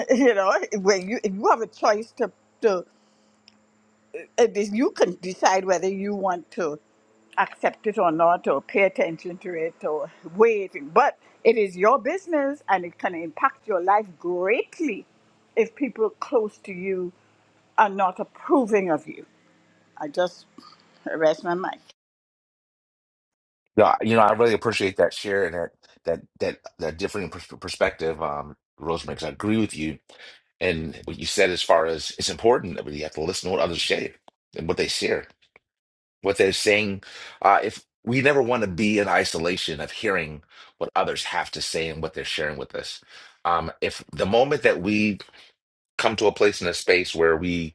you know when you if you have a choice to to it is, you can decide whether you want to accept it or not or pay attention to it or wait but it is your business and it can impact your life greatly if people close to you are not approving of you i just rest my mind
No, you know, I really appreciate that share and that that that that different pers- perspective, um, Rosemary, 'cause I agree with you and what you said as far as it's important that we have to listen to what others say and what they share, what they're saying. Uh, if we never want to be in isolation of hearing what others have to say and what they're sharing with us, um, if the moment that we come to a place in a space where we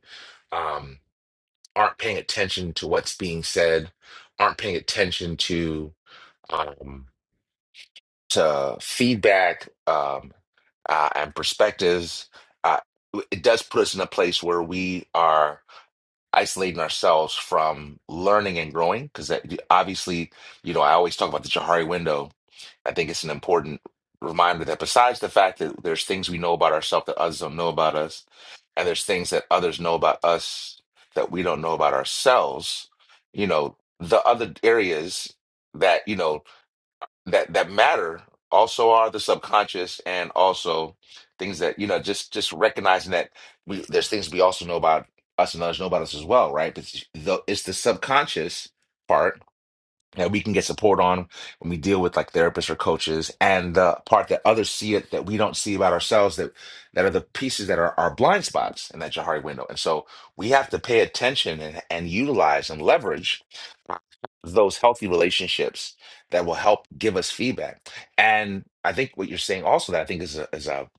um, aren't paying attention to what's being said, aren't paying attention to. Um, to feedback um, uh, and perspectives, uh, it does put us in a place where we are isolating ourselves from learning and growing. Because obviously, you know, I always talk about the Johari window. I think it's an important reminder that besides the fact that there's things we know about ourselves that others don't know about us, and there's things that others know about us that we don't know about ourselves, you know, the other areas. That you know that that matter also are the subconscious and also things that you know just just recognizing that we there's things we also know about us and others know about us as well right but it's the, it's the subconscious part that we can get support on when we deal with like therapists or coaches and the part that others see it that we don't see about ourselves that that are the pieces that are our blind spots in that Jahari window. And so we have to pay attention and, and utilize and leverage those healthy relationships that will help give us feedback. And I think what you're saying also that I think is a, is a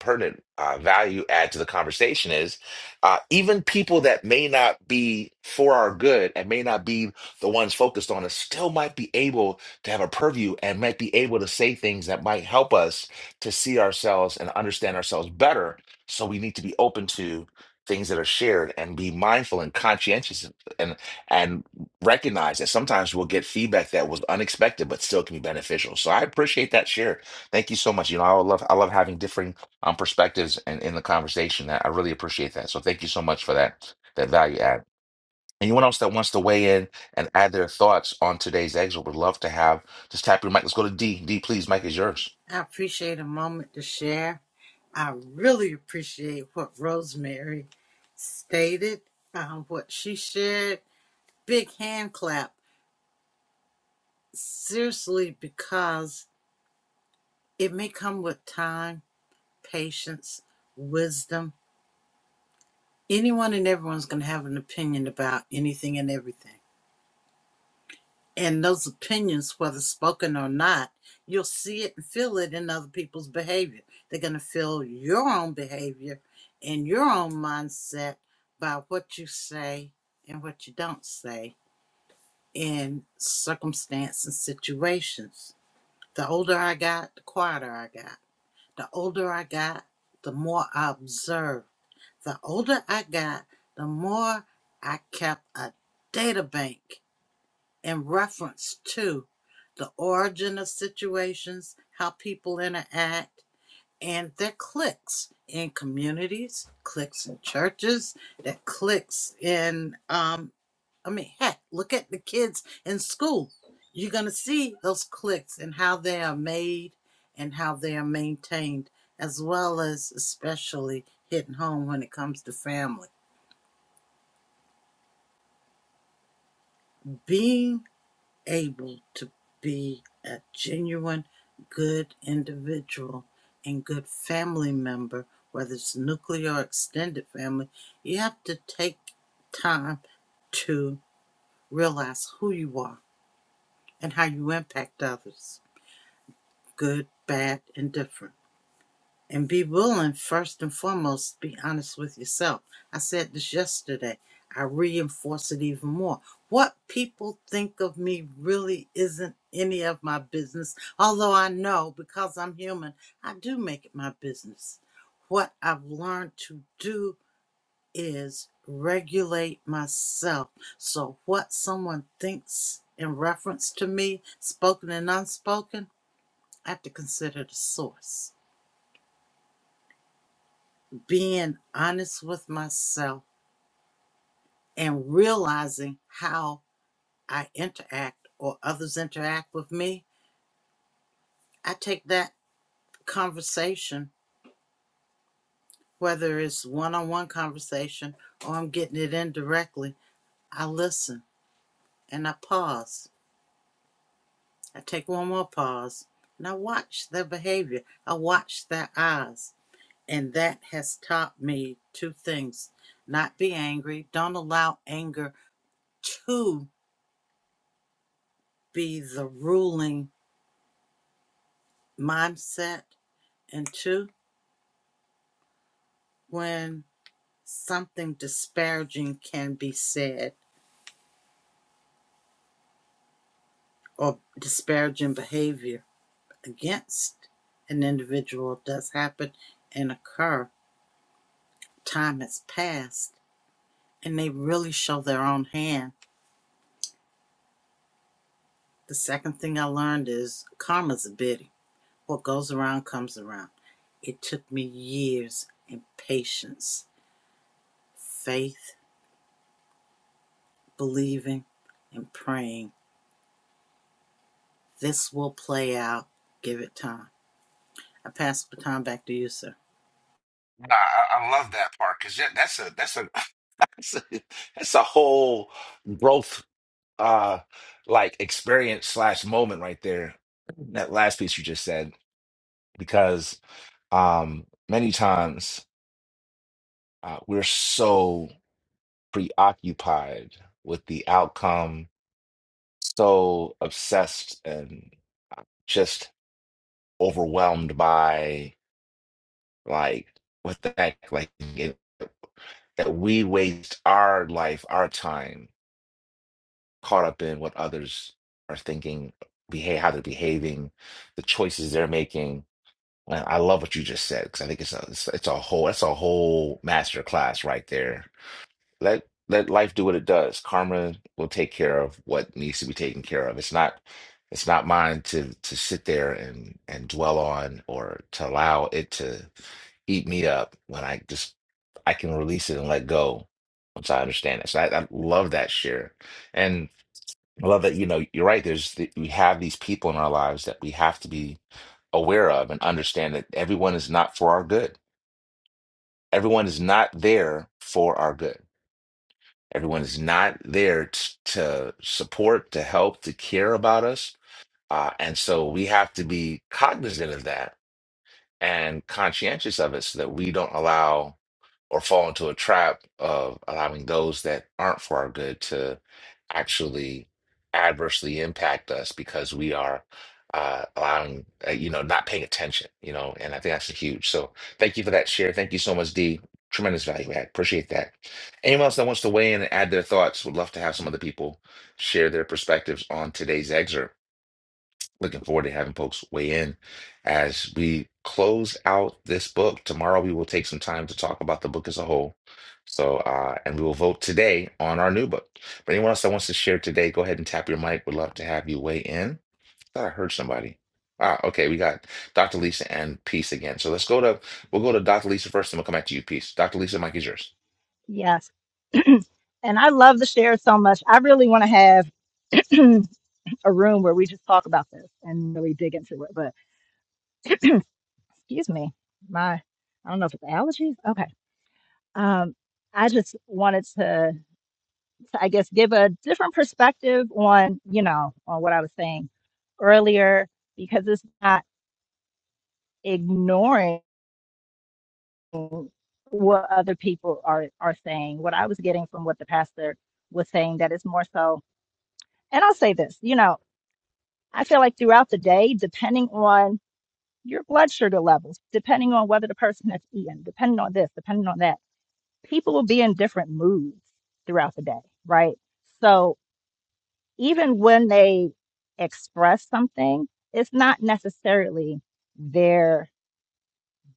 pertinent uh, value add to the conversation is uh, even people that may not be for our good and may not be the ones focused on us, still might be able to have a purview and might be able to say things that might help us to see ourselves and understand ourselves better. So we need to be open to things that are shared and be mindful and conscientious and and recognize that sometimes we'll get feedback that was unexpected but still can be beneficial. So I appreciate that share. Thank you so much. You know, I love I love having differing um, perspectives and in the conversation. I I really appreciate that. So thank you so much for that that value add. Anyone else that wants to weigh in and add their thoughts on today's exit would love to have just tap your mic. Let's go to D. D, please. Mike is yours.
I appreciate a moment to share. I really appreciate what Rosemary stated, um, what she shared. Big hand clap. Seriously, because it may come with time, patience, wisdom. Anyone and everyone's going to have an opinion about anything and everything. and those opinions, whether spoken or not, you'll see it and feel it in other people's behavior. They're going to feel your own behavior and your own mindset by what you say and what you don't say in circumstance and situations. The older I got, the quieter I got. The older I got, the more I observed. The older I got, the more I kept a data bank in reference to the origin of situations, how people interact, and their cliques in communities, cliques in churches, that cliques in, um, I mean, heck, look at the kids in school. You're going to see those cliques and how they are made and how they are maintained, as well as especially hitting home when it comes to family. Being able to be a genuine good individual and good family member, whether it's nuclear or extended family, you have to take time to realize who you are and how you impact others, good, bad, and different and be willing first and foremost to be honest with yourself i said this yesterday i reinforce it even more what people think of me really isn't any of my business although i know because i'm human i do make it my business what i've learned to do is regulate myself so what someone thinks in reference to me spoken and unspoken i have to consider the source being honest with myself and realizing how I interact or others interact with me, I take that conversation, whether it's one on one conversation or I'm getting it indirectly, I listen and I pause. I take one more pause and I watch their behavior. I watch their eyes. And that has taught me two things not be angry, don't allow anger to be the ruling mindset, and two, when something disparaging can be said or disparaging behavior against an individual does happen and occur. Time has passed and they really show their own hand. The second thing I learned is karma's a bitty. What goes around comes around. It took me years and patience, faith, believing, and praying This will play out. Give it time. I pass the baton back to you, sir.
Nah, I I love that part because that's a that's a that's a, that's a whole growth uh like experience slash moment right there. That last piece you just said because um many times uh, we're so preoccupied with the outcome, so obsessed and uh, just overwhelmed by like what the heck like it, that we waste our life our time caught up in what others are thinking behave how they're behaving the choices they're making and i love what you just said because i think it's a it's, it's a whole that's a whole master class right there let let life do what it does. Karma will take care of what needs to be taken care of. It's not it's not mine to to sit there and and dwell on or to allow it to eat me up when I just I can release it and let go once I understand it. So I, I love that share, and I love that you know you're right. There's the, we have these people in our lives that we have to be aware of and understand that everyone is not for our good. Everyone is not there for our good Everyone is not there t- to support, to help, to care about us. Uh, and so we have to be cognizant of that and conscientious of it so that we don't allow or fall into a trap of allowing those that aren't for our good to actually adversely impact us because we are uh, allowing, uh, you know, not paying attention, you know, and I think that's huge. So thank you for that share. Thank you so much, D. Tremendous value add. Appreciate that. Anyone else that wants to weigh in and add their thoughts, would love to have some other people share their perspectives on today's excerpt. Looking forward to having folks weigh in as we close out this book. Tomorrow we will take some time to talk about the book as a whole. So, uh, and we will vote today on our new book. But anyone else that wants to share today, go ahead and tap your mic. we Would love to have you weigh in. Thought I heard somebody. Ah, okay, we got Dr. Lisa and Peace again. So let's go to we'll go to Dr. Lisa first, and we'll come back to you, Peace. Dr. Lisa, mic is yours.
Yes. And I love the share so much. I really want to have a room where we just talk about this and really dig into it. But excuse me, my, I don't know if it's allergies. Okay. Um, I just wanted to, to, I guess, give a different perspective on, you know, on what I was saying earlier, because it's not ignoring. what other people are are saying what i was getting from what the pastor was saying that is more so and i'll say this you know i feel like throughout the day depending on your blood sugar levels depending on whether the person has eaten depending on this depending on that people will be in different moods throughout the day right so even when they express something it's not necessarily their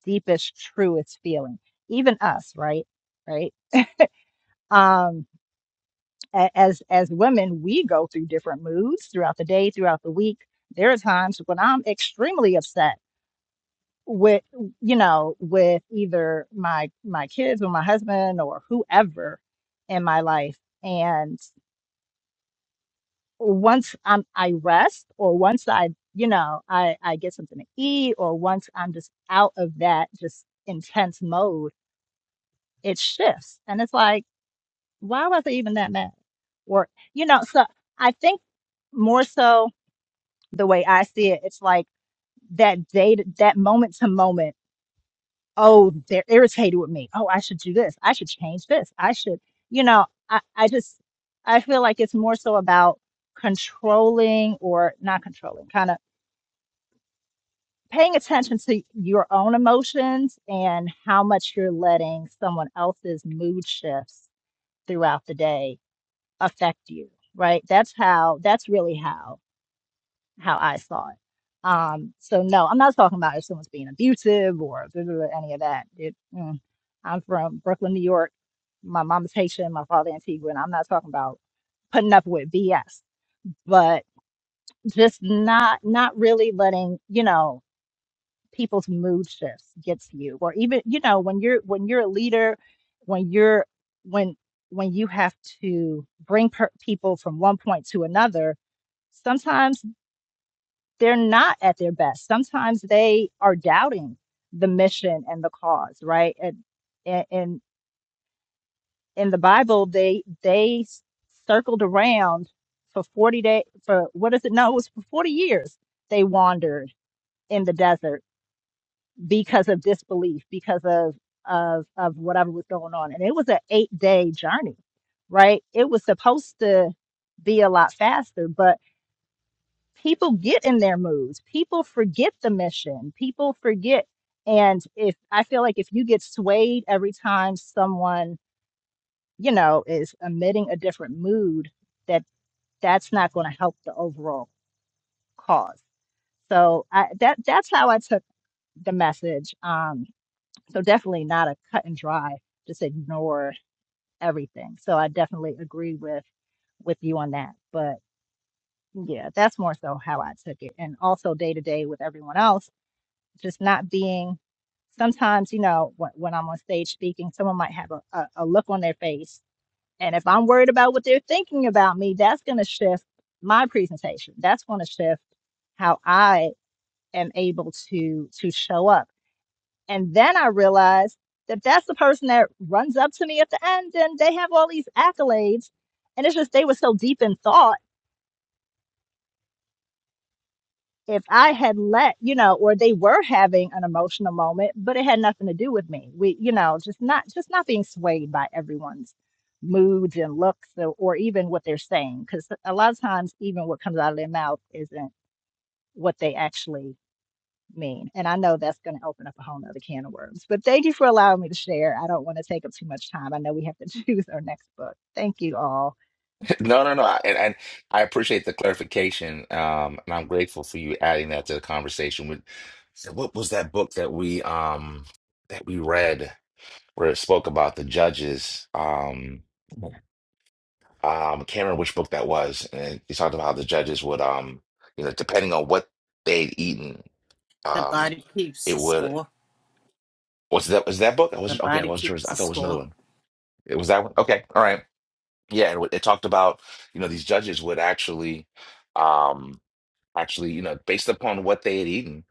deepest truest feeling even us right right um a- as as women we go through different moods throughout the day throughout the week there are times when i'm extremely upset with you know with either my my kids or my husband or whoever in my life and once i'm i rest or once i you know i i get something to eat or once i'm just out of that just intense mode it shifts and it's like why was i even that mad or you know so i think more so the way I see it, it's like that day, to, that moment to moment. Oh, they're irritated with me. Oh, I should do this. I should change this. I should, you know, I, I just, I feel like it's more so about controlling or not controlling, kind of paying attention to your own emotions and how much you're letting someone else's mood shifts throughout the day affect you, right? That's how, that's really how. how I saw it. Um, so no, I'm not talking about if someone's being abusive or blah, blah, blah, any of that. It, mm, I'm from Brooklyn, New York. My mom is Haitian, my father Antigua, and I'm not talking about putting up with BS, but just not not really letting you know people's mood shifts gets you, or even you know when you're when you're a leader, when you're when when you have to bring per- people from one point to another. Sometimes they're not at their best. Sometimes they are doubting the mission and the cause, right? And and in in the Bible, they they circled around for forty day for what is it? No, it was for forty years. They wandered in the desert because of disbelief, because of of of whatever was going on, and it was an eight day journey, right? It was supposed to be a lot faster, but people get in their moods people forget the mission people forget and if i feel like if you get swayed every time someone you know is emitting a different mood that that's not going to help the overall cause so I, that that's how i took the message um so definitely not a cut and dry just ignore everything so i definitely agree with with you on that but yeah that's more so how i took it and also day to day with everyone else just not being sometimes you know when, when i'm on stage speaking someone might have a, a, a look on their face and if i'm worried about what they're thinking about me that's going to shift my presentation that's going to shift how i am able to to show up and then i realize that that's the person that runs up to me at the end and they have all these accolades and it's just they were so deep in thought if I had let, you know, or they were having an emotional moment, but it had nothing to do with me. We, you know, just not just not being swayed by everyone's moods and looks or, or even what they're saying because a lot of times even what comes out of their mouth isn't what they actually mean. And I know that's going to open up a whole nother can of worms. But thank you for allowing me to share. I don't want to take up too much time. I know we have to choose our next book. Thank you all.
No, no, no. I- And, and I appreciate the clarification. Um, and I'm grateful for you adding that to the conversation with so what was that book that we um that we read where it spoke about the judges? Um um I can't remember which book that was. And he talked about how the judges would um, you know, depending on what they'd eaten,
The
um,
body keeps
it
the
would
score.
was that was that book? I
The
was okay, I
body
wasn't
keeps
sure. I
the
thought it was another
score.
one. It was that one? Okay, all right. Yeah, and it talked about, you know, these judges would actually um actually, you know, based upon what they had eaten,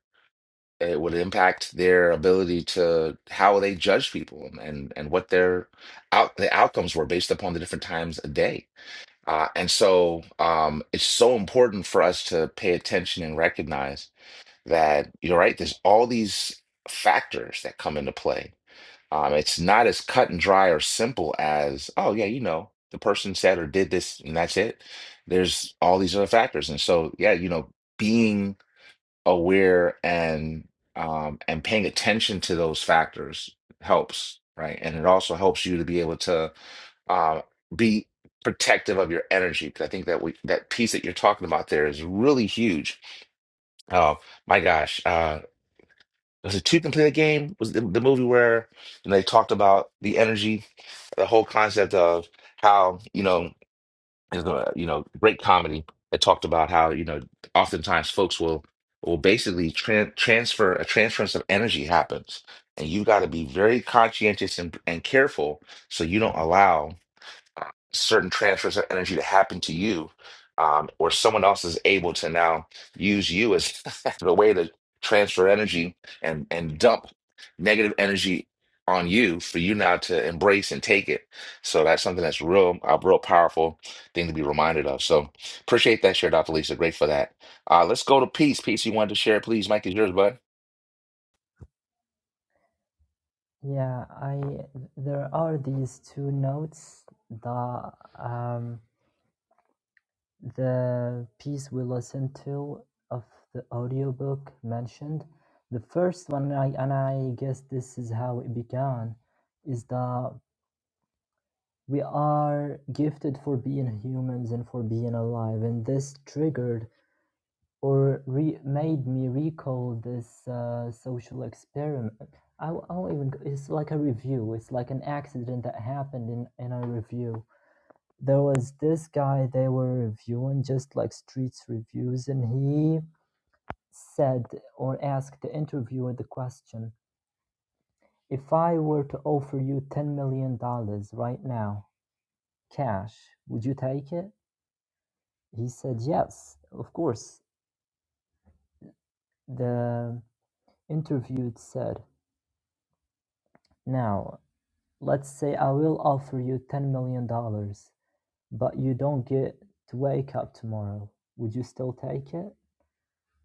it would impact their ability to how they judge people and and, and what their out the outcomes were based upon the different times a day. Uh, and so um, it's so important for us to pay attention and recognize that you're right. There's all these factors that come into play. Um, it's not as cut and dry or simple as, oh yeah, you know, the person said or did this, and that's it. There's all these other factors, and so yeah, you know, being aware and um, and paying attention to those factors helps, right? And it also helps you to be able to uh, be protective of your energy. Because I think that we that piece that you're talking about there is really huge. Oh my gosh, uh, was it Two Can Play the Game? Was the, the movie where and they talked about the energy, the whole concept of how you know is a you know great comedy that talked about how you know oftentimes folks will will basically tran transfer a transference of energy happens and you got to be very conscientious and, and careful so you don't allow uh, certain transfers of energy to happen to you, um, or someone else is able to now use you as the way to transfer energy and and dump negative energy on you for you now to embrace and take it. So that's something that's real, a real powerful thing to be reminded of. So appreciate that share, Dr. Lisa. Great for that. Uh, let's go to peace. Peace, you wanted to share, please. Mike is yours, bud.
yeah i there are these two notes that um, The piece we listened to of the audiobook mentioned the first one, I, and I guess this is how it began, is that we are gifted for being humans and for being alive, and this triggered or re- made me recall this uh, social experiment. I w- I won't even. It's like a review. It's like an accident that happened in in a review there was this guy they were reviewing just like streets reviews and he said or asked the interviewer the question if i were to offer you 10 million dollars right now cash would you take it he said yes of course the interviewed said now let's say i will offer you 10 million dollars but you don't get to wake up tomorrow would you still take it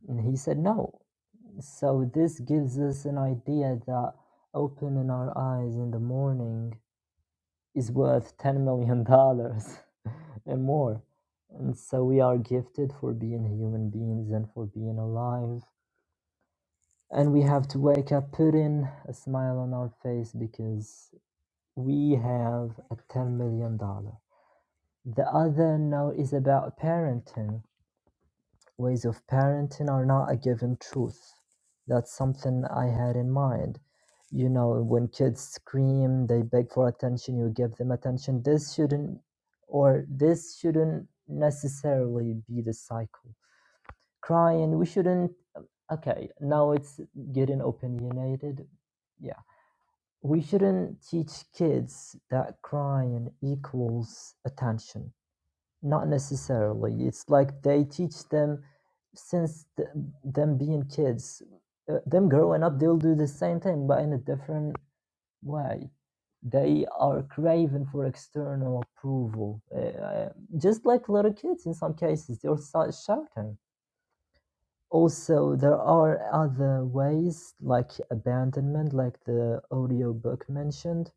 and he said no So this gives us an idea that opening our eyes in the morning is worth 10 million dollars and more. And so we are gifted for being human beings and for being alive. And we have to wake up, put in a smile on our face because we have a 10 million dollar. The other note is about parenting Ways of parenting are not a given truth. That's something I had in mind. You know, when kids scream, they beg for attention, you give them attention. This shouldn't, or this shouldn't necessarily be the cycle. Crying, we shouldn't, okay, now it's getting opinionated. Yeah. We shouldn't teach kids that crying equals attention not necessarily. It's like they teach them since th- them being kids. Uh, them growing up, they'll do the same thing, but in a different way. They are craving for external approval, uh, uh, just like little kids. In some cases, they'll start shouting. Also, there are other ways like abandonment, like the audiobook mentioned.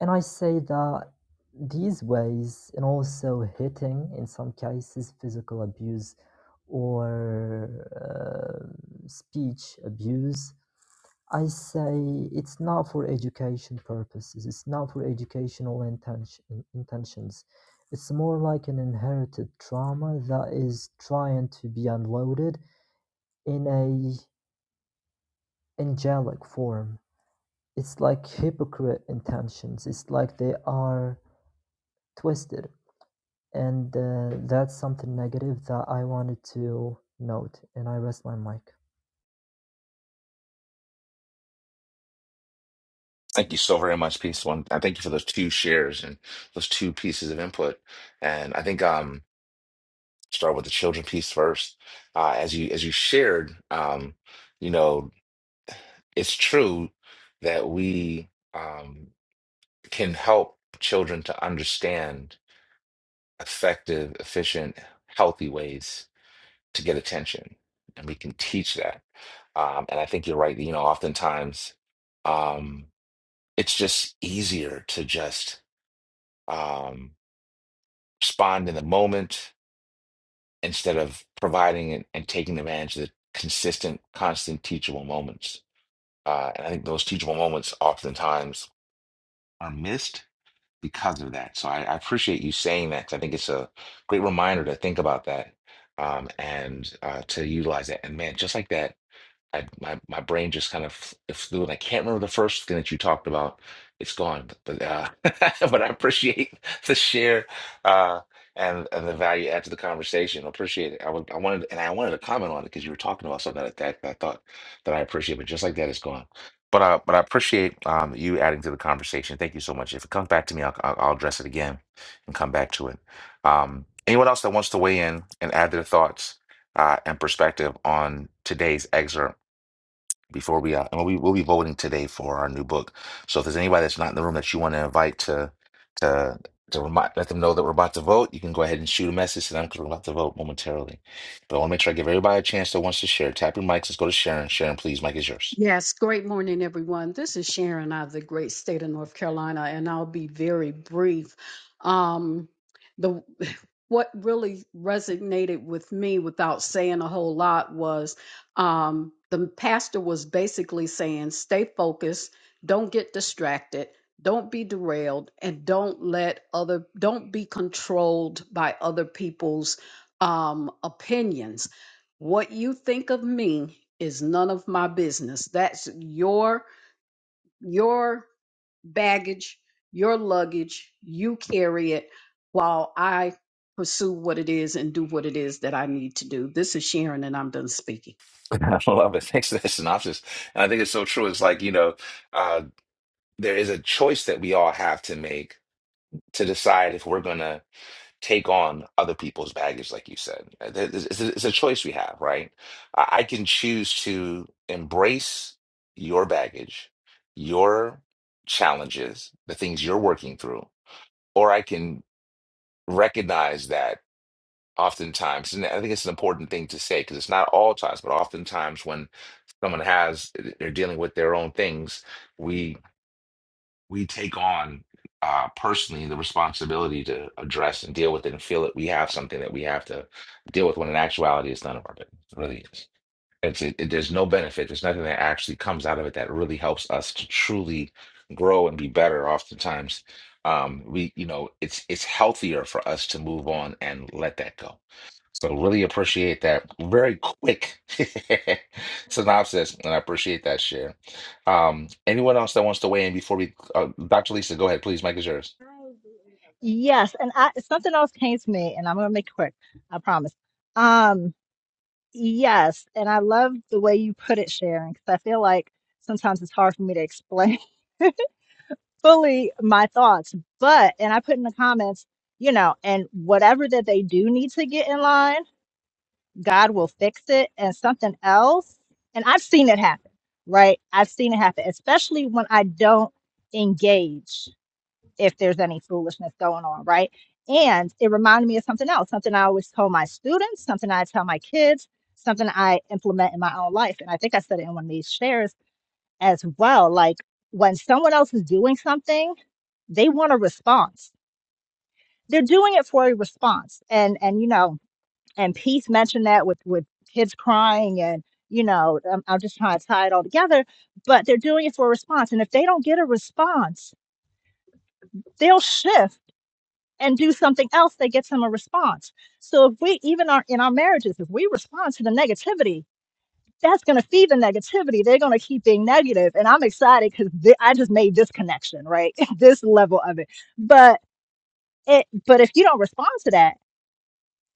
And I say that These ways, and also hitting in some cases, physical abuse or uh, speech abuse, I say it's not for education purposes, it's not for educational intention, intentions. It's more like an inherited trauma that is trying to be unloaded in a angelic form. It's like hypocrite intentions. It's like they are twisted And uh, that's something negative that I wanted to note, and I rest my mic.
Thank you so very much, peace. One, I thank you for those two shares and those two pieces of input. And I think um, start with the children piece first. Uh, as you as you shared, um, you know, it's true that we um, can help children to understand effective, efficient, healthy ways to get attention, and we can teach that. Um, and I think you're right. You know, oftentimes um, it's just easier to just um, respond in the moment instead of providing and, and taking advantage of the consistent, constant teachable moments. Uh, and I think those teachable moments oftentimes are missed because of that. So I, I appreciate you saying that. 'cause I think it's a great reminder to think about that um, and uh, to utilize that. And man, just like that I my my brain just kind of f- flew, and I can't remember the first thing that you talked about. It's gone, but uh, but I appreciate the share uh, and and the value add to the conversation. I appreciate it. I would I wanted and I wanted to comment on it because you were talking about something that, that I thought that I appreciate, but just like that, it's gone. But uh, but I appreciate um, you adding to the conversation. Thank you so much. If it comes back to me, I'll I'll, I'll address it again and come back to it. Um, anyone else that wants to weigh in and add their thoughts? uh, and perspective on today's excerpt before we out. And we'll be, we'll be voting today for our new book. So if there's anybody that's not in the room that you want to invite to to to remind, let them know that we're about to vote, you can go ahead and shoot a message to them because we're about to vote momentarily. But I want to make sure I give everybody a chance that wants to share. Tap your mics. Let's go to Sharon. Sharon, please, mic is yours.
Yes, great morning, everyone. This is Sharon out of the great state of North Carolina, and I'll be very brief. Um, the what really resonated with me without saying a whole lot was um, the pastor was basically saying, stay focused, don't get distracted, don't be derailed, and don't let other don't be controlled by other people's um, opinions what you think of me is none of my business that's your your baggage your luggage you carry it while i pursue what it is and do what it is that i need to do this is sharon and i'm done speaking
I love it. Thanks for that synopsis. And I think it's so true. It's like, you know, uh, there is a choice that we all have to make to decide if we're gonna take on other people's baggage, like you said. Uh, th- th- It's a it's a choice we have, right? I I can choose to embrace your baggage, your challenges, the things you're working through, or I can recognize that oftentimes, and I think it's an important thing to say because it's not all times, but oftentimes when someone has, they're dealing with their own things, we take on uh, personally the responsibility to address and deal with it and feel that we have something that we have to deal with when in actuality it's none of our business. It really is. It's it, it- there's no benefit. There's nothing that actually comes out of it that really helps us to truly grow and be better. Oftentimes, um, we you know it's it's healthier for us to move on and let that go. So really appreciate that very quick synopsis, and I appreciate that share. Um, anyone else that wants to weigh in before we, uh, Dr. Lisa, go ahead, please. Mike is yours.
Yes, and I something else came to me and I'm going to make it quick. I promise. Um Yes, and I love the way you put it, Sharon, because I feel like sometimes it's hard for me to explain fully my thoughts. But, and I put in the comments, you know, and whatever that they do need to get in line, God will fix it and something else. And I've seen it happen, right? I've seen it happen, especially when I don't engage if there's any foolishness going on, right? And it reminded me of something else, something I always tell my students, something I tell my kids, something I implement in my own life. And I think I said it in one of these shares as well. Like when someone else is doing something, they want a response. They're doing it for a response. And and you know, and Peace mentioned that with with kids crying and you know, I'm, I'm just trying to tie it all together, but they're doing it for a response. And if they don't get a response, they'll shift and do something else that gets him a response. So if we even are in our marriages, if we respond to the negativity, that's going to feed the negativity. They're going to keep being negative. And I'm excited because th- I just made this connection, right? this level of it. But it, but if you don't respond to that,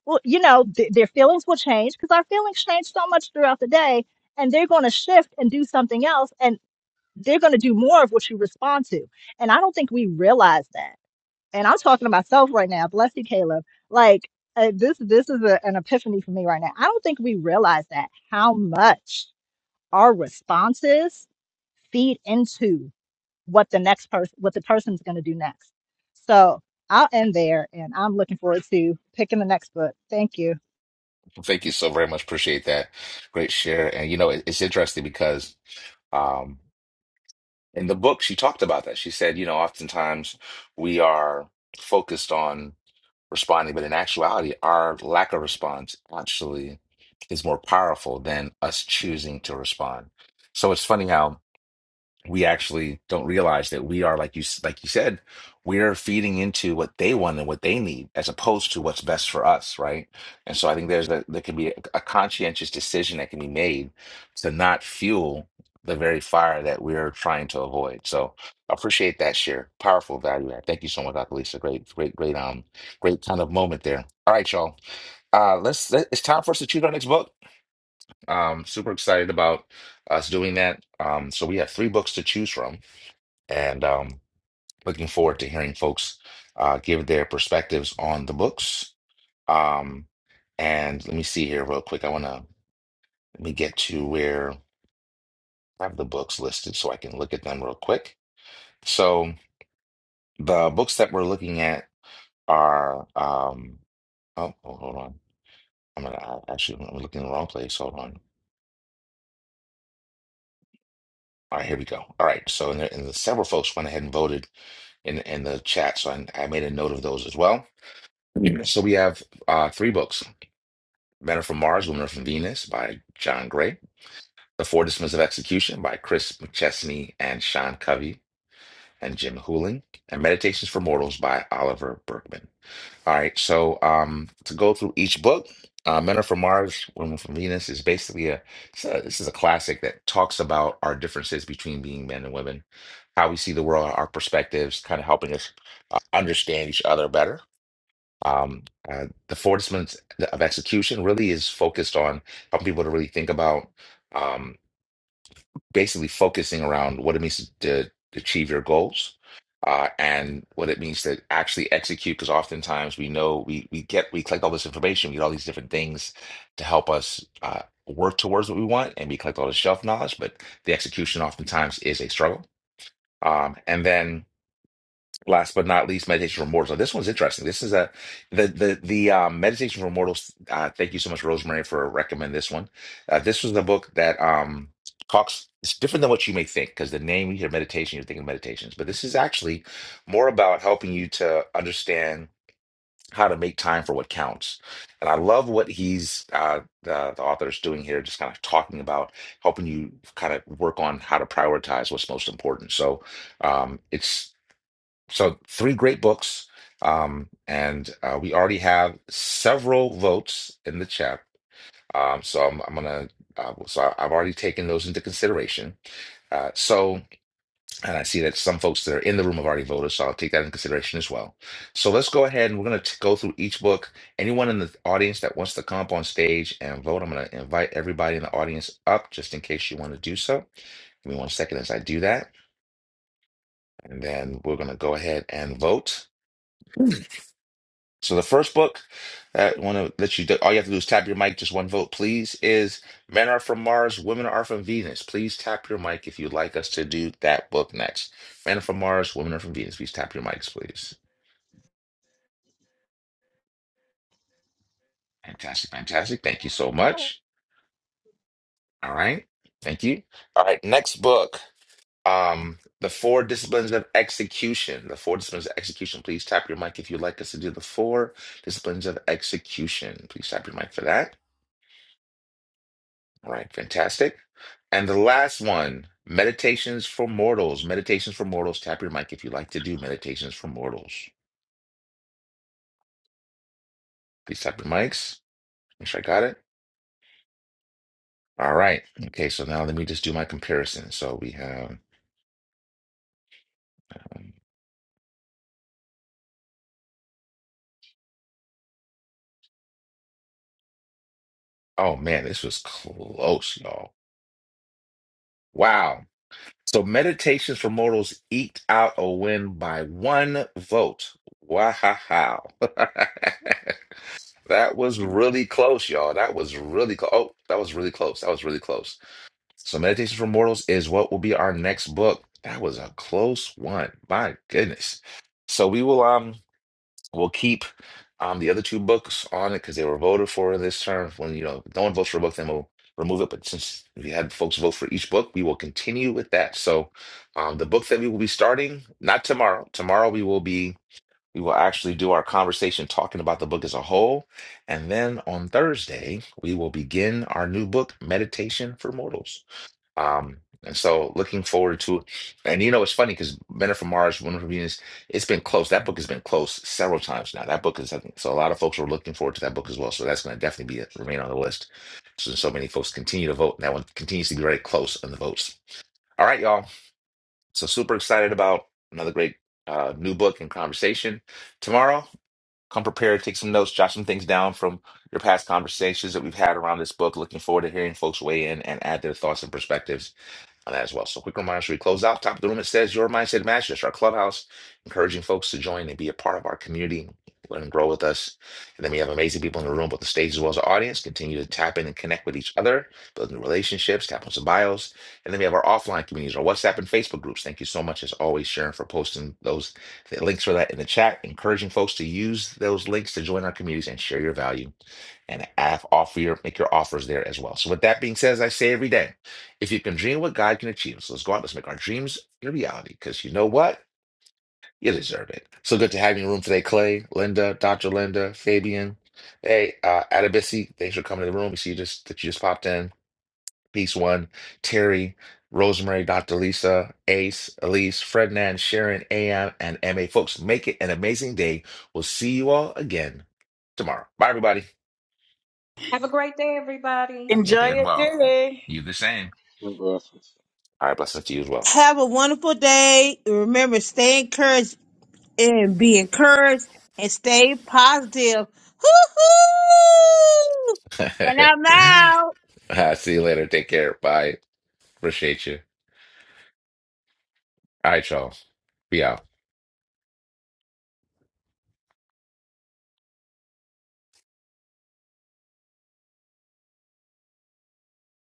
well, you know, th- their feelings will change because our feelings change so much throughout the day and they're going to shift and do something else. And they're going to do more of what you respond to. And I don't think we realize that and I'm talking to myself right now. Bless you, Caleb. Like uh, this, this is a, an epiphany for me right now. I don't think we realize that how much our responses feed into what the next person, what the person's going to do next. So I'll end there, and I'm looking forward to picking the next book. Thank you.
Thank you so very much. Appreciate that. Great share. And you know, it, it's interesting because. Um, In the book, she talked about that. She said, you know, oftentimes we are focused on responding, but in actuality, our lack of response actually is more powerful than us choosing to respond. So it's funny how we actually don't realize that we are like you s- like you said we're feeding into what they want and what they need as opposed to what's best for us right and so i think there's a, there can be a, a conscientious decision that can be made to not fuel the very fire that we're trying to avoid so I appreciate that share powerful value add thank you so much dr lisa great great great um great kind of moment there all right y'all uh let's let, it's time for us to choose our next book um super excited about us doing that um so we have three books to choose from and um, looking forward to hearing folks uh, give their perspectives on the books. Um, and let me see here real quick. I want to let me get to where I have the books listed so I can look at them real quick. So the books that we're looking at are um, oh, oh hold on. I'm gonna I- actually I'm looking in the wrong place. Hold on. All right, here we go. All right, so and, there, and the several folks went ahead and voted in in the chat, so I, I made a note of those as well. Mhm. So we have uh, three books Men Are From Mars, Women Are From Venus by John Gray. The Four Disciplines of Execution by Chris McChesney and Sean Covey and Jim Hooling. And Meditations for Mortals by Oliver Berkman. All right, so um, to go through each book, uh, Men Are From Mars, Women Are From Venus is basically a, it's a, this is a classic that talks about our differences between being men and women, how we see the world, our perspectives, kind of helping us uh, understand each other better. Um, uh, the 4 disciplines of execution really is focused on helping people to really think about um, basically focusing around what it means to, to achieve your goals uh, and what it means to actually execute. Because oftentimes we know we we get we collect all this information, we get all these different things to help us uh, work towards what we want, and we collect all the shelf knowledge, but the execution oftentimes is a struggle. Um, and then last but not least, meditation for mortals. Now, this one's interesting. This is a the the the um, meditation for mortals. Uh, thank you so much, Rosemary, for recommending this one. Uh, this was the book that um, talks. It's different than what you may think because the name you hear meditation, you're thinking meditations, but this is actually more about helping you to understand how to make time for what counts. And I love what he's uh, the the author is doing here, just kind of talking about helping you kind of work on how to prioritize what's most important. So um, it's so three great books, um, and uh, we already have several votes in the chat. Um, so I'm, I'm gonna, uh, so I- I've already taken those into consideration. Uh, so, and I see that some folks that are in the room have already voted, so I'll take that into consideration as well. So let's go ahead and we're gonna t- go through each book. Anyone in the audience that wants to come up on stage and vote, I'm gonna invite everybody in the audience up just in case you want to do so. Give me one second as I do that, and then we're gonna go ahead and vote. So the first book that want to let you do, all you have to do is tap your mic, just one vote, please. Is Men Are From Mars, Women Are From Venus. Please tap your mic if you'd like us to do that book next. Men Are From Mars, Women Are From Venus. Please tap your mics, please. Fantastic, fantastic. Thank you so much. All right, thank you. All right, next book. Um, the Four Disciplines of Execution. The Four Disciplines of Execution. Please tap your mic if you'd like us to do the Four Disciplines of Execution. Please tap your mic for that. All right, fantastic. And the last one, Meditations for Mortals. Meditations for Mortals. Tap your mic if you like to do Meditations for Mortals. Please tap your mics. Make sure I got it. All right. Okay, so now let me just do my comparison. So we have, um, oh man, this was close, y'all. Wow. So Meditations for Mortals eked out a win by one vote. Wow. That was really close, y'all. That was really close. Oh, that was really close. That was really close. So, Meditations for Mortals is what will be our next book. That was a close one. My goodness. So we will um we'll keep um the other two books on it because they were voted for this term. When you know if no one votes for a book, then we'll remove it. But since we had folks vote for each book, we will continue with that. So um the book that we will be starting, not tomorrow. Tomorrow we will be we will actually do our conversation talking about the book as a whole. And then on Thursday, we will begin our new book, Meditation for Mortals. Um, and so looking forward to and you know it's funny because Men Are from Mars, Women Are from Venus, it's been close. That book has been close several times now. That book is I think so a lot of folks are looking forward to that book as well. So that's gonna definitely be uh, remain on the list. So, so many folks continue to vote, and that one continues to be very close on the votes. All right, y'all. So super excited about another great uh new book and conversation. Tomorrow, come prepared, take some notes, jot some things down from your past conversations that we've had around this book. Looking forward to hearing folks weigh in and add their thoughts and perspectives on that as well. So quick reminder, should we close out? Top of the room, it says your mindset matches. That's our clubhouse, encouraging folks to join and be a part of our community, learn and grow with us. And then we have amazing people in the room, both the stage as well as the audience. Continue to tap in and connect with each other, build new relationships, tap on some bios. And then we have our offline communities, our WhatsApp and Facebook groups. Thank you so much, as always, Sharon, for posting those the links for that in the chat, encouraging folks to use those links to join our communities and share your value and have offer your make your offers there as well. So with that being said, as I say every day. If you can dream what God can achieve, so let's go out, let's make our dreams a reality, because you know what? You deserve it. So good to have you in the room today, Clay, Linda, Dr. Linda, Fabian. Hey, uh, Adabisi, thanks for coming to the room. We see you just that you just popped in. Peace one, Terry, Rosemary, Dr. Lisa, Ace, Elise, Frednan, Sharon, AM, and MA. Folks, make it an amazing day. We'll see you all again tomorrow. Bye, everybody.
Have a great day, everybody.
Have a good day
enjoy
as
your
well.
day
You the same.
Blessings.
All right, blessings to you as
Have a wonderful day. Remember, stay encouraged and be encouraged and stay positive. Woo-hoo! And I'm
well.
out.
See you later. Take care. Bye. Appreciate you. All right, y'all. Be out.